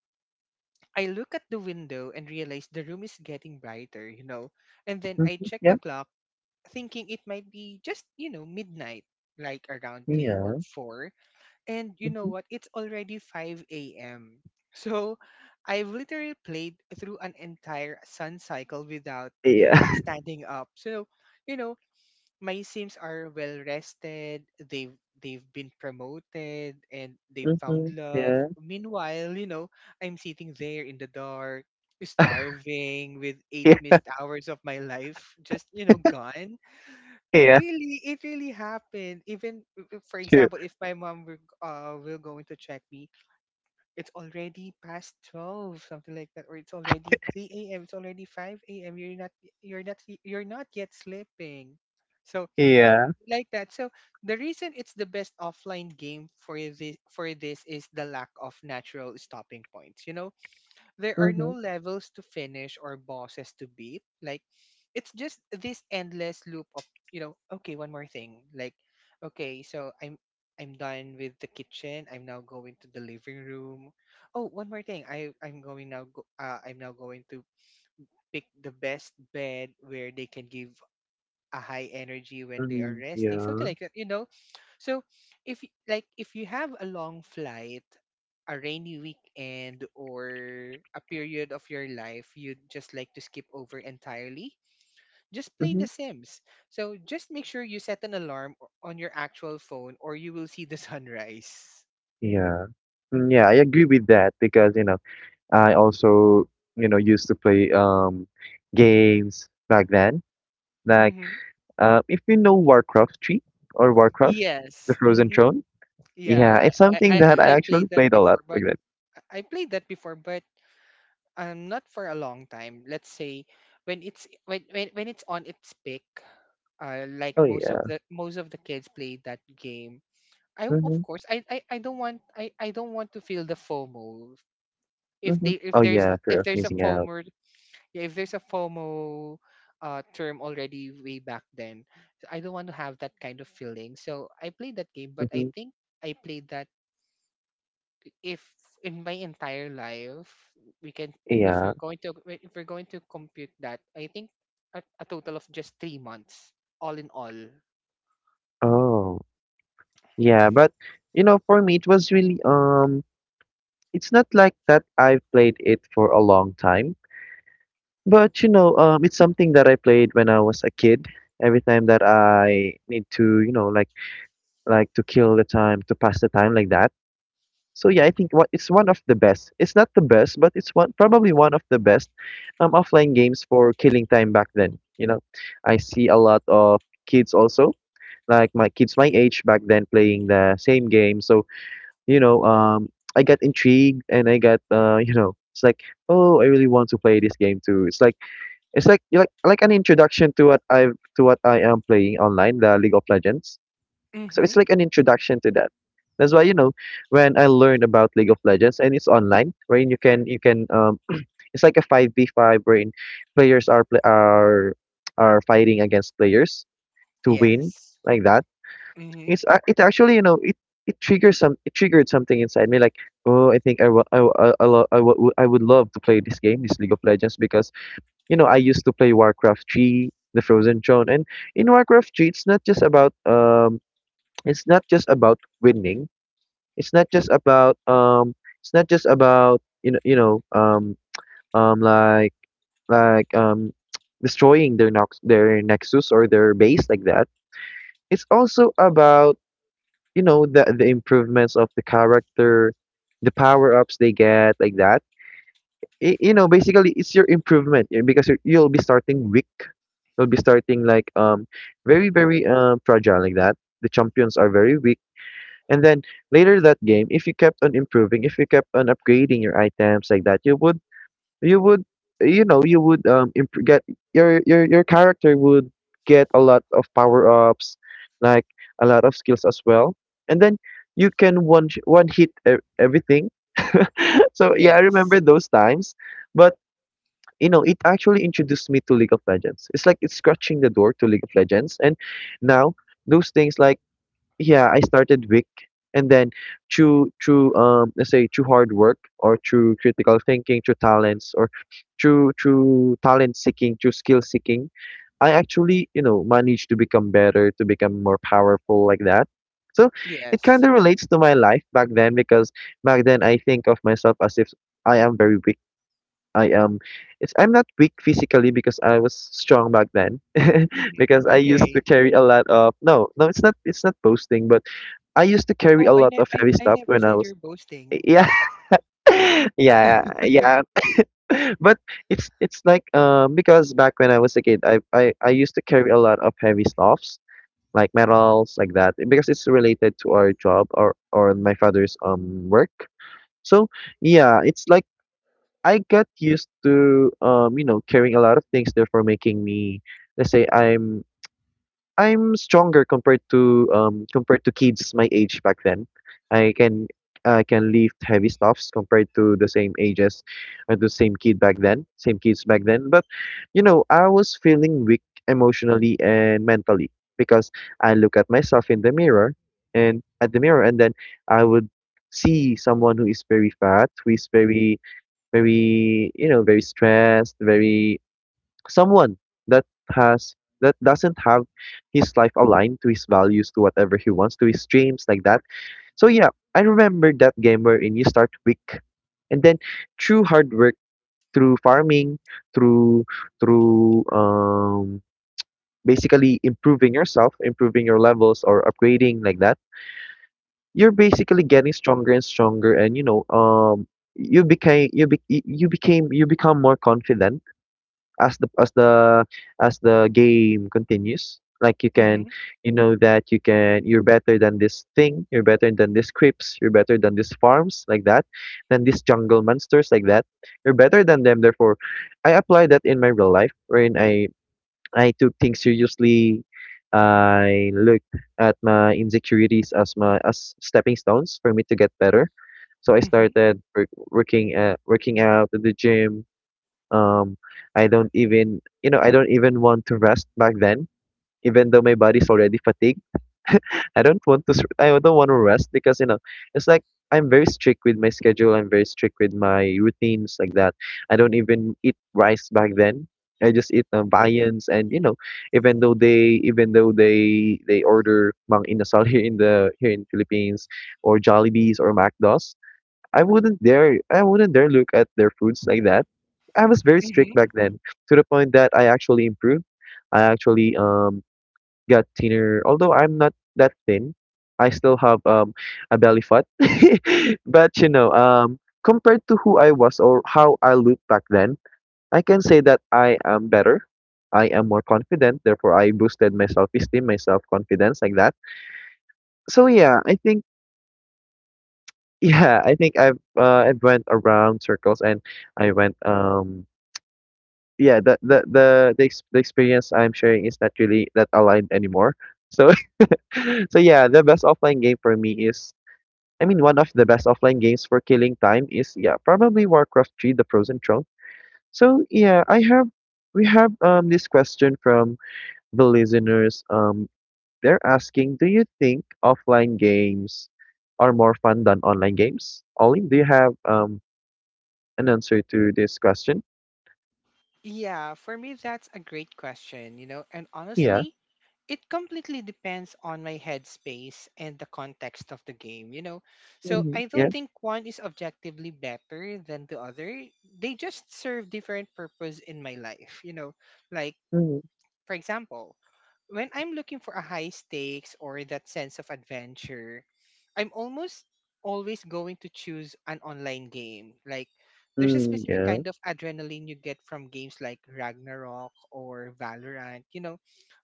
S2: I look at the window and realize the room is getting brighter, you know. And then I
S1: Mm-hmm.
S2: check the
S1: Yeah.
S2: clock thinking it might be just, you know, midnight, like around three or
S1: Yeah.
S2: four. And you know
S1: Mm-hmm.
S2: what? It's already five a m So I've literally played through an entire sun cycle without
S1: Yeah.
S2: even standing up. So, you know, my Sims are well rested, they've they've been promoted, and they've found
S1: Mm-hmm.
S2: love.
S1: Yeah.
S2: Meanwhile, you know, I'm sitting there in the dark, starving, with eight
S1: Yeah.
S2: missed hours of my life just, you know, gone.
S1: Yeah.
S2: Really, it really happened. Even w- w- for
S1: True.
S2: example, if my mom were, g- uh will going to check me, it's already past twelve, something like that, or it's already three a m., it's already 5 a.m., you're not... you're not y- you're not yet sleeping. So,
S1: Yeah.
S2: like that. So the reason it's the best offline game for this for this is the lack of natural stopping points, you know. There are
S1: Mm-hmm.
S2: no levels to finish or bosses to beat. Like, it's just this endless loop of, you know, okay, one more thing. Like, okay, so I'm... I'm done with the kitchen. I'm now going to the living room. Oh, one more thing. I I'm going now. Go, uh, I'm now going to pick the best bed where they can give a high energy when they are
S1: Mm-hmm.
S2: resting. Something
S1: Yeah.
S2: like that. You know, so if y- like if you have a long flight, a rainy weekend, or a period of your life you'd just like to skip over entirely, just play
S1: Mm-hmm.
S2: The Sims. So just make sure you set an alarm o- on your actual phone, or you will see the sunrise.
S1: Yeah. Mm, yeah. I agree with that because you know. I also, you know, used to play um games back then. Like
S2: Mm-hmm.
S1: uh, if you know Warcraft three or Warcraft, the
S2: Yes.
S1: Frozen
S2: Mm-hmm.
S1: Throne. Yeah,
S2: Yeah,
S1: it's
S2: I, I
S1: something
S2: I
S1: that I
S2: I
S1: actually
S2: played that
S1: played a lot
S2: before, but
S1: back then.
S2: I played that before, but um, not for a long time. Let's say when it's when when, when it's on its peak, uh, like
S1: Oh
S2: most of
S1: yeah.
S2: the most of the kids play that game. I, of
S1: Mhm.
S2: course, i i, I don't want... I, I don't want to feel the FOMO if
S1: Mhm.
S2: they if
S1: Oh
S2: there's
S1: yeah,
S2: a-
S1: fear
S2: if
S1: of
S2: there's a
S1: missing out.
S2: FOMO. Yeah, if there's a FOMO, uh, term already way back then, I don't want to have that kind of feeling. So I played that game, but I
S1: Mhm.
S2: think I played that, if in my entire life we can... if
S1: Yeah.
S2: you're going to if we're going to compute that, I think a, a total of just three months all in all.
S1: Oh. Yeah, but you know, for me it was really um it's not like that I've played it for a long time. But you know, um, it's something that I played when I was a kid. Every time that I need to, you know, like like to kill the time, to pass the time like that. So yeah, I think what it's one of the best. It's not the best, but it's one probably one of the best um, offline games for killing time back then. You know, I see a lot of kids also, like my kids my age back then playing the same game. So you know, um, I got intrigued and I got uh, you know, it's like, oh, I really want to play this game too. It's like it's like like like an introduction to what I've to what I am playing online, the League of Legends. So it's
S2: Mhm.
S1: like an introduction to that. That's why you know when I learned about League of Legends and it's online, wherein you can you can um it's like a five v five wherein players are pla are are fighting against players to win
S2: Yes.
S1: like that.
S2: Mm-hmm.
S1: It's uh, it actually you know it it triggers some it triggered something inside me like oh I think I wa- I wa- I, I, lo- I, wa- I would love to play this game, this League of Legends, because you know, I used to play Warcraft three, the Frozen Throne, and in Warcraft three, it's not just about um, it's not just about winning. It's not just about um, it's not just about you know you know um um like like um destroying their nox their nexus or their base like that. It's also about you know the the improvements of the character, the power ups they get like that. I you know, basically, it's your improvement eh, because you're, you'll be starting weak, will be starting like um very very um fragile like that. The champions are very weak, and then later that game, if you kept on improving, if you kept on upgrading your items like that, you would you would you know you would um imp- get your your your character would get a lot of power ups, like a lot of skills as well, and then you can one sh- one hit e- everything. So yeah, I remember
S2: Yes.
S1: those times, but you know, it actually introduced me to League of Legends. It's like it's scratching the door to League of Legends. And now those things like yeah, I started Wick, and then through through um let's say through hard work or through critical thinking, through talents or through through talent seeking, through skill seeking, I actually, you know, managed to become better, to become more powerful like that. So it kind
S2: Yes.
S1: of relates to my life back then because back then I think of myself as if I am very weak I am it's I'm not weak physically because I was strong back then. Because
S2: Mm-hmm.
S1: I used to
S2: Okay.
S1: carry a lot of, no no, it's not, it's not boasting, but I used to carry a
S2: Oh, I,
S1: lot
S2: ne-
S1: of
S2: I
S1: heavy
S2: I
S1: stuff
S2: never
S1: when I
S2: said
S1: was,
S2: you're boasting.
S1: yeah. Yeah yeah. But it's it's like um because back when I was a kid, I I I used to carry a lot of heavy stuffs like metals like that because it's related to our job or or my father's um work. So yeah, it's like I got used to um, you know, carrying a lot of things, therefore making me, let's say I'm I'm stronger compared to um compared to kids my age back then. I can I can lift heavy stuffs compared to the same ages or the same kid back then, same kids back then. But you know, I was feeling weak emotionally and mentally because I look at myself in the mirror, and at the mirror and then I would see someone who is very fat, who is very very you know very stressed, very someone that has that doesn't have his life aligned to his values, to whatever he wants, to his dreams like that. So yeah, I remember that game wherein you start weak, and then through hard work, through farming, through through um basically improving yourself, improving your levels or upgrading like that, you're basically getting stronger and stronger, and you know um you became you be, you became you become more confident as the as the as the game continues, like you can,
S2: Mm-hmm.
S1: you know that you can, you're better than this thing, you're better than these creeps, you're better than these farms like that, than these jungle monsters like that. You're better than them, therefore I apply that in my real life wherein i i took things seriously. I looked at my insecurities as my as stepping stones for me to get better. So I
S2: Mm-hmm.
S1: started work, working at working out at the gym. um, I don't even, you know, I don't even want to rest back then, even though my body's already fatigued. I don't want to, s- I don't want to rest because, you know, it's like I'm very strict with my schedule. I'm very strict with my routines like that. I don't even eat rice back then. I just eat um, viands, and you know, even though they, even though they, they order mang inasal here in the here in Philippines, or Jollibees or McDos, I wouldn't dare I wouldn't dare look at their foods like that. I was very strict
S2: Mm-hmm.
S1: back then, to the point that I actually improved. I actually um got thinner. Although I'm not that thin, I still have um a belly fat. But you know, um compared to who I was or how I looked back then, I can say that I am better. I am more confident, therefore I boosted my self-esteem, my self-confidence like that. So yeah, I think Yeah, I think I've uh, I went around circles, and I went um yeah, the the the the, ex- the experience I'm sharing is not really that aligned anymore. So so yeah, the best offline game for me is I mean one of the best offline games for killing time is yeah probably Warcraft three The Frozen Throne. So yeah, I have we have um this question from the listeners. Um they're asking, do you think offline games are more fun than online games? Ollie, do you have um an answer to this question?
S2: Yeah, for me that's a great question, you know, and
S1: Yeah.
S2: honestly, it completely depends on my headspace and the context of the game, you know. So
S1: Mhm.
S2: I
S1: Yeah.
S2: don't think one is objectively better than the other. They just serve different purpose in my life, you know. Like,
S1: Mhm.
S2: for example, when I'm looking for a high stakes or that sense of adventure, I'm almost always going to choose an online game. Like there's a
S1: Mm,
S2: specific
S1: yeah.
S2: kind of adrenaline you get from games like Ragnarok or Valorant, you know.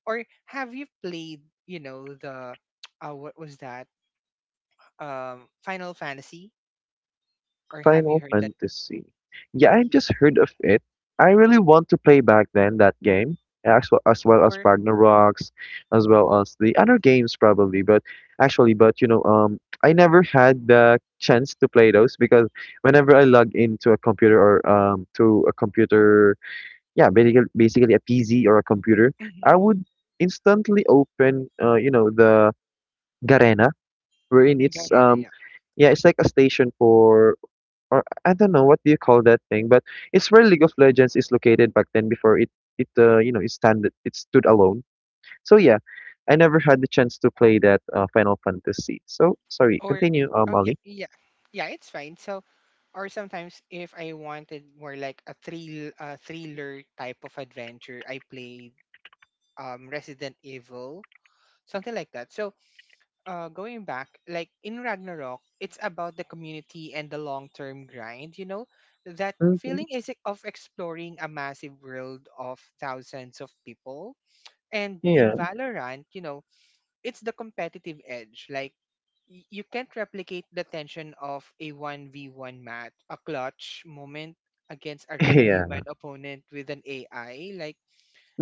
S2: Or have you played, you know, the uh, what was that? Um Final Fantasy or have you
S1: Final
S2: heard that
S1: Fantasy. Yeah, I
S2: he-
S1: just heard of it. I really want to play back then that game, as well as, well as
S2: or
S1: Ragnarok's, as well as the other games probably. But actually, but you know, um, I never had the chance to play those because whenever I log into a computer or um to a computer, yeah, basically basically a P C or a computer,
S2: mm-hmm.
S1: I would instantly open uh you know the Garena, wherein it's um yeah, it's like a station for, or I don't know what do you call that thing, but it's where League of Legends is located back then before it, it uh, you know it stand it stood alone. So yeah, I never had the chance to play that uh, Final Fantasy. So sorry,
S2: Or
S1: continue, um,
S2: oh yeah,
S1: Molly.
S2: yeah. Yeah, it's fine. So or sometimes if I wanted more like a thrill uh, thriller type of adventure, I played um Resident Evil, something like that. So uh going back, like in Ragnarok, it's about the community and the long term grind, you know? That
S1: Mm-hmm.
S2: feeling is of exploring a massive world of thousands of people. And in
S1: Yeah,
S2: Valorant, you know, it's the competitive edge. Like y- you can't replicate the tension of a one v one match, a clutch moment against a real
S1: yeah,
S2: human opponent with an A I. Like,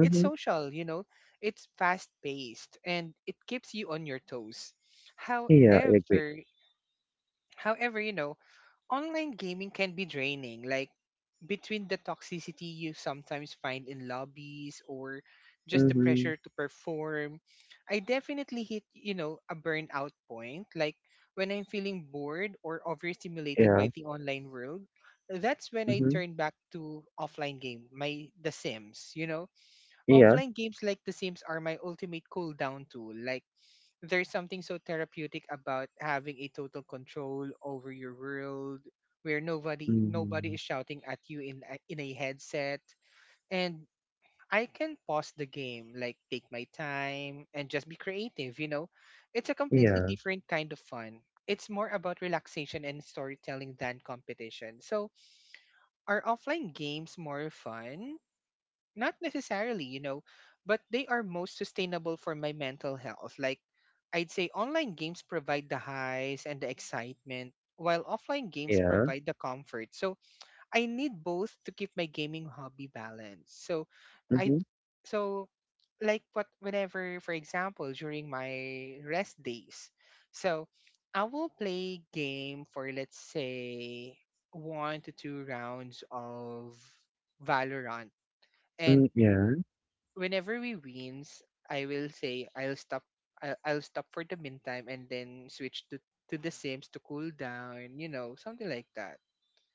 S2: it's social, you know, it's fast paced and it keeps you on your toes.
S1: Yeah. I agree.
S2: However, however, you know, online gaming can be draining. Like, between the toxicity you sometimes find in lobbies or just the
S1: Mm-hmm.
S2: pressure to perform, I definitely hit, you know, a burnout point. Like when I'm feeling bored or overstimulated
S1: Yeah,
S2: by the online world, that's when I
S1: mm-hmm.
S2: turn back to offline game, my The Sims, you know.
S1: Yeah,
S2: Offline games like The Sims are my ultimate cool down tool. Like there's something so therapeutic about having a total control over your world where nobody nobody
S1: mm-hmm.
S2: is shouting at you in a, in a headset and I can pause the game, like take my time and just be creative, you know, it's a completely
S1: Yeah,
S2: different kind of fun. It's more about relaxation and storytelling than competition. So are offline games more fun? Not necessarily, you know, but they are most sustainable for my mental health. Like, I'd say online games provide the highs and the excitement, while offline games
S1: yeah,
S2: provide the comfort. So, I need both to keep my gaming hobby balanced. So, I,
S1: mm-hmm.
S2: so, like, what, whenever, for example, during my rest days, so I will play game for, let's say, one to two rounds of Valorant
S1: Mm,
S2: and
S1: yeah,
S2: whenever we wins, I will say I'll stop. I'll, I'll stop for the meantime and then switch to to the Sims to cool down. You know, something like that.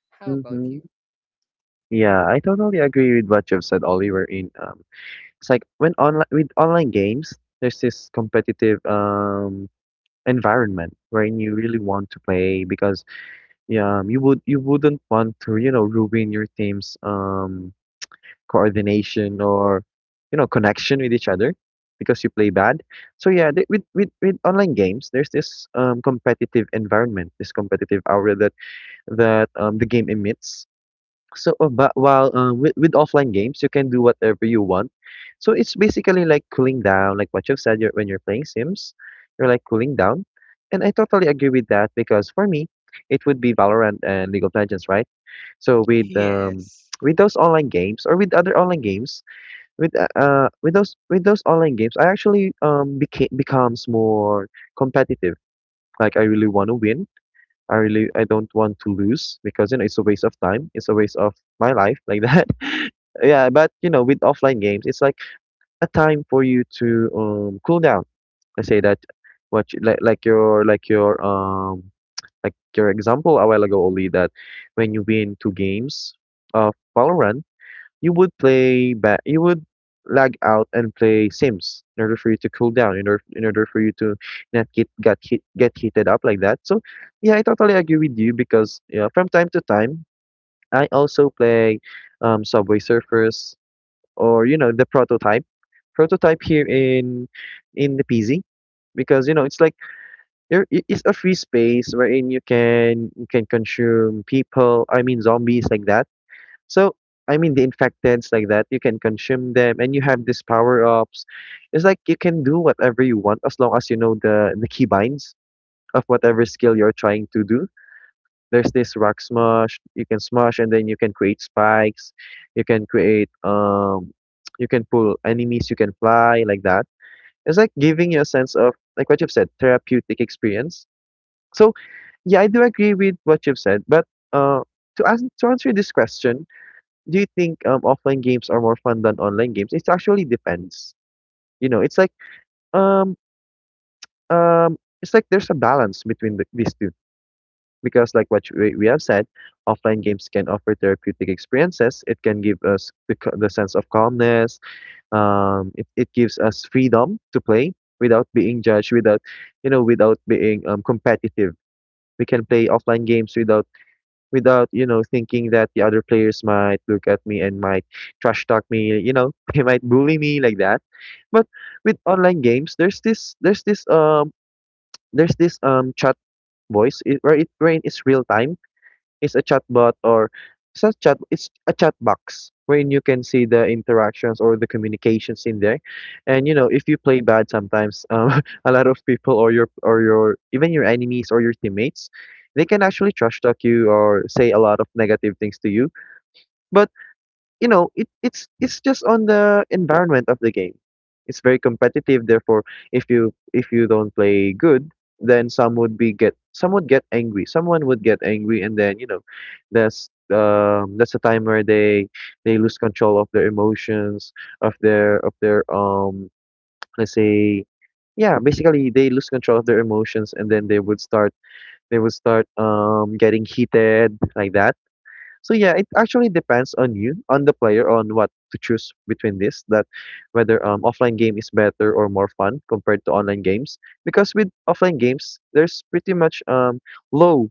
S2: How about
S1: mm-hmm.
S2: you?
S1: Yeah, I totally agree with what you've said, Oliver. In um, It's like when online with online games, there's this competitive um environment wherein you really want to play because yeah, um, you would you wouldn't want to, you know, ruin your team's um coordination or you know, connection with each other because you play bad. So yeah, th- with with with online games, there's this um competitive environment, this competitive aura that that um the game emits. So, uh, but while uh, with with offline games, you can do whatever you want. So it's basically like cooling down, like what you've said. You're, when you're playing Sims, you're like cooling down, and I totally agree with that because for me, it would be Valorant and League of Legends, right? So with um
S2: Yes.
S1: with those online games or with other online games, with uh uh, with those with those online games, I actually um became becomes more competitive. Like I really want to win I really I don't want to lose because you know it's a waste of time. It's a waste of my life like that. Yeah, but you know with offline games, it's like a time for you to um cool down. I say that what you, like like your like your um like your example a while ago. Only that when you win two games of Valorant you would play ba- you would lag out and play Sims in order for you to cool down, in order in order for you to not get get hit, get heated up like that. So yeah, I totally agree with you because yeah, from time to time I also play um, Subway Surfers, or you know the prototype prototype here in in the P Z. Because you know it's like there i- it's a free space wherein you can you can consume people, I mean zombies, like that. So, I mean, the infectants like that, you can consume them and you have these power ups. It's like you can do whatever you want as long as you know the, the keybinds of whatever skill you're trying to do. There's this rock smash, you can smash and then you can create spikes, you can create, um, you can pull enemies, you can fly like that. It's like giving you a sense of, like what you've said, therapeutic experience. So, yeah, I do agree with what you've said, but uh, to, ask, to answer this question, do you think um offline games are more fun than online games? It actually depends. You know, it's like um um it's like there's a balance between the, these two, because like what we, we have said, offline games can offer therapeutic experiences. It can give us the, c- the sense of calmness. Um, it, it gives us freedom to play without being judged, without you know, without being um competitive. We can play offline games without without, you know, thinking that the other players might look at me and might trash talk me, you know, they might bully me like that. But with online games, there's this there's this um there's this um chat, voice it, where it where it's real time, is a chatbot. Or it's not chat, it's a chat box wherein you can see the interactions or the communications in there. And you know if you play bad sometimes um, a lot of people, or your or your even your enemies or your teammates, they can actually trash talk you or say a lot of negative things to you. But you know it, it's it's just on the environment of the game. It's very competitive, therefore if you if you don't play good, then some would be get some would get angry, someone would get angry and then you know that's um that's a time where they they lose control of their emotions, of their of their um let's say, yeah, basically they lose control of their emotions, and then they would start they would start um getting heated like that. So yeah, it actually depends on you, on the player, on what to choose between this, that, whether um offline game is better or more fun compared to online games. Because with offline games, there's pretty much um low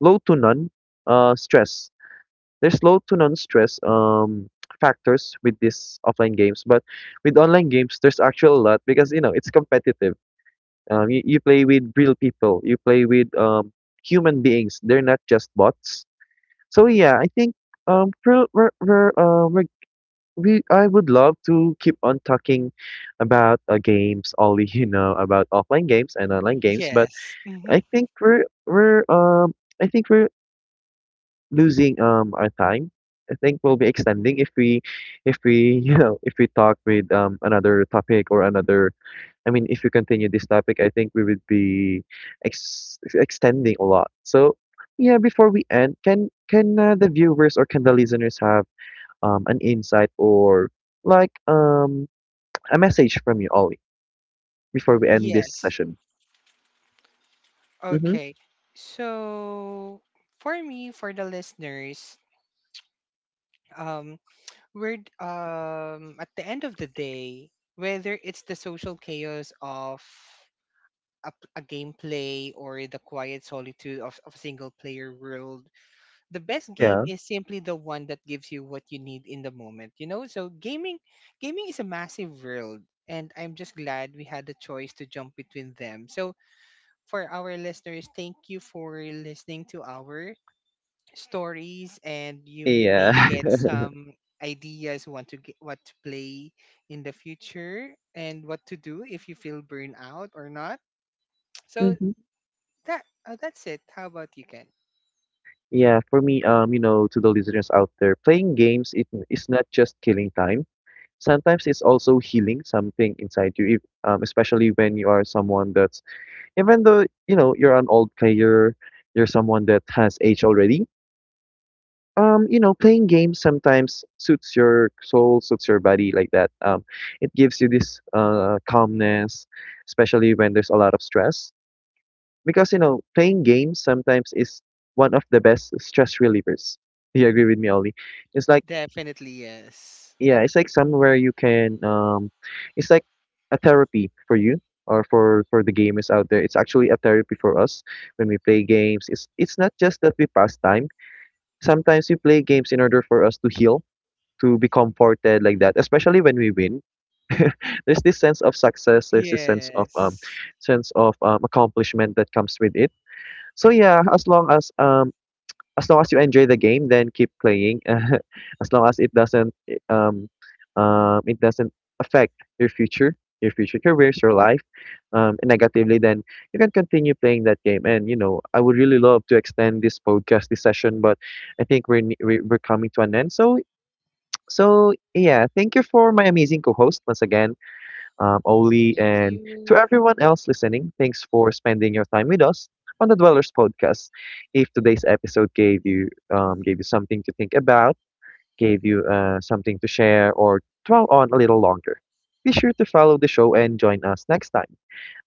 S1: low to none uh stress. There's low to none stress um factors with these offline games. But with online games, there's actually a lot because you know it's competitive. Um, you, you play with real people. You play with um human beings. They're not just bots. So yeah, I think um pro- we're, we're, uh, we're, we I would love to keep on talking about uh, games, all we you know about offline games and online games, but
S2: Yes. Mm-hmm.
S1: I think we're we're um I think we're losing um our time. I think we'll be extending if we if we you know if we talk with um another topic or another, I mean, if we continue this topic, I think we would be ex- extending a lot. So, yeah, before we end, can can uh, the viewers or can the listeners have um, an insight, or like um a message from you, Ollie, before we end this
S2: Yes.
S1: session? Mm-hmm.
S2: Okay. So for me, for the listeners, um, we're um at the end of the day, whether it's the social chaos of a, p- a gameplay or the quiet solitude of, of a single player world, the best game
S1: Yeah.
S2: is simply the one that gives you what you need in the moment, you know. So gaming gaming is a massive world, and I'm just glad we had the choice to jump between them. So for our listeners, thank you for listening to our stories, and you
S1: Yeah.
S2: may get some ideas, want to get what to play in the future and what to do if you feel burned out or not. So
S1: Hmm.
S2: that uh, that's it. How about you, Ken?
S1: Yeah, for me, um, you know, to the listeners out there, playing games, it is not just killing time. Sometimes it's also healing something inside you, if, um, especially when you are someone that's, even though you know you're an old player, you're someone that has age already. Um, you know, playing games sometimes suits your soul, suits your body like that. Um, it gives you this uh, calmness, especially when there's a lot of stress. Because you know, playing games sometimes is one of the best stress relievers. Do you agree with me, Ollie? It's like,
S2: Definitely yes.
S1: yeah, it's like somewhere you can um it's like a therapy for you, or for for the gamers out there. It's actually a therapy for us when we play games. It's it's not just that we pass time. Sometimes we play games in order for us to heal, to be comforted like that, especially when we win. There's this sense of success, there's this sense of um
S2: Yes.
S1: sense of um accomplishment that comes with it. So yeah, as long as um as long as you enjoy the game, then keep playing. As long as it doesn't I- um, um, it doesn't affect your future, your future careers, your life, um, negatively, then you can continue playing that game. And you know, I would really love to extend this podcast, this session, but I think we're ne- we- we're coming to an end. So so yeah, thank you for my amazing co-host once again, um, Oli,
S2: Thank
S1: and to
S2: you.
S1: everyone else listening, thanks for spending your time with us on the Dwellers podcast. If today's episode gave you um, gave you something to think about, gave you uh, something to share, or dwell on a little longer, be sure to follow the show and join us next time.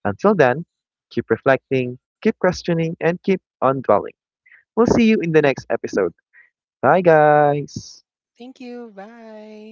S1: Until then, keep reflecting, keep questioning, and keep on dwelling. We'll see you in the next episode. Bye, guys.
S2: Thank you. Bye.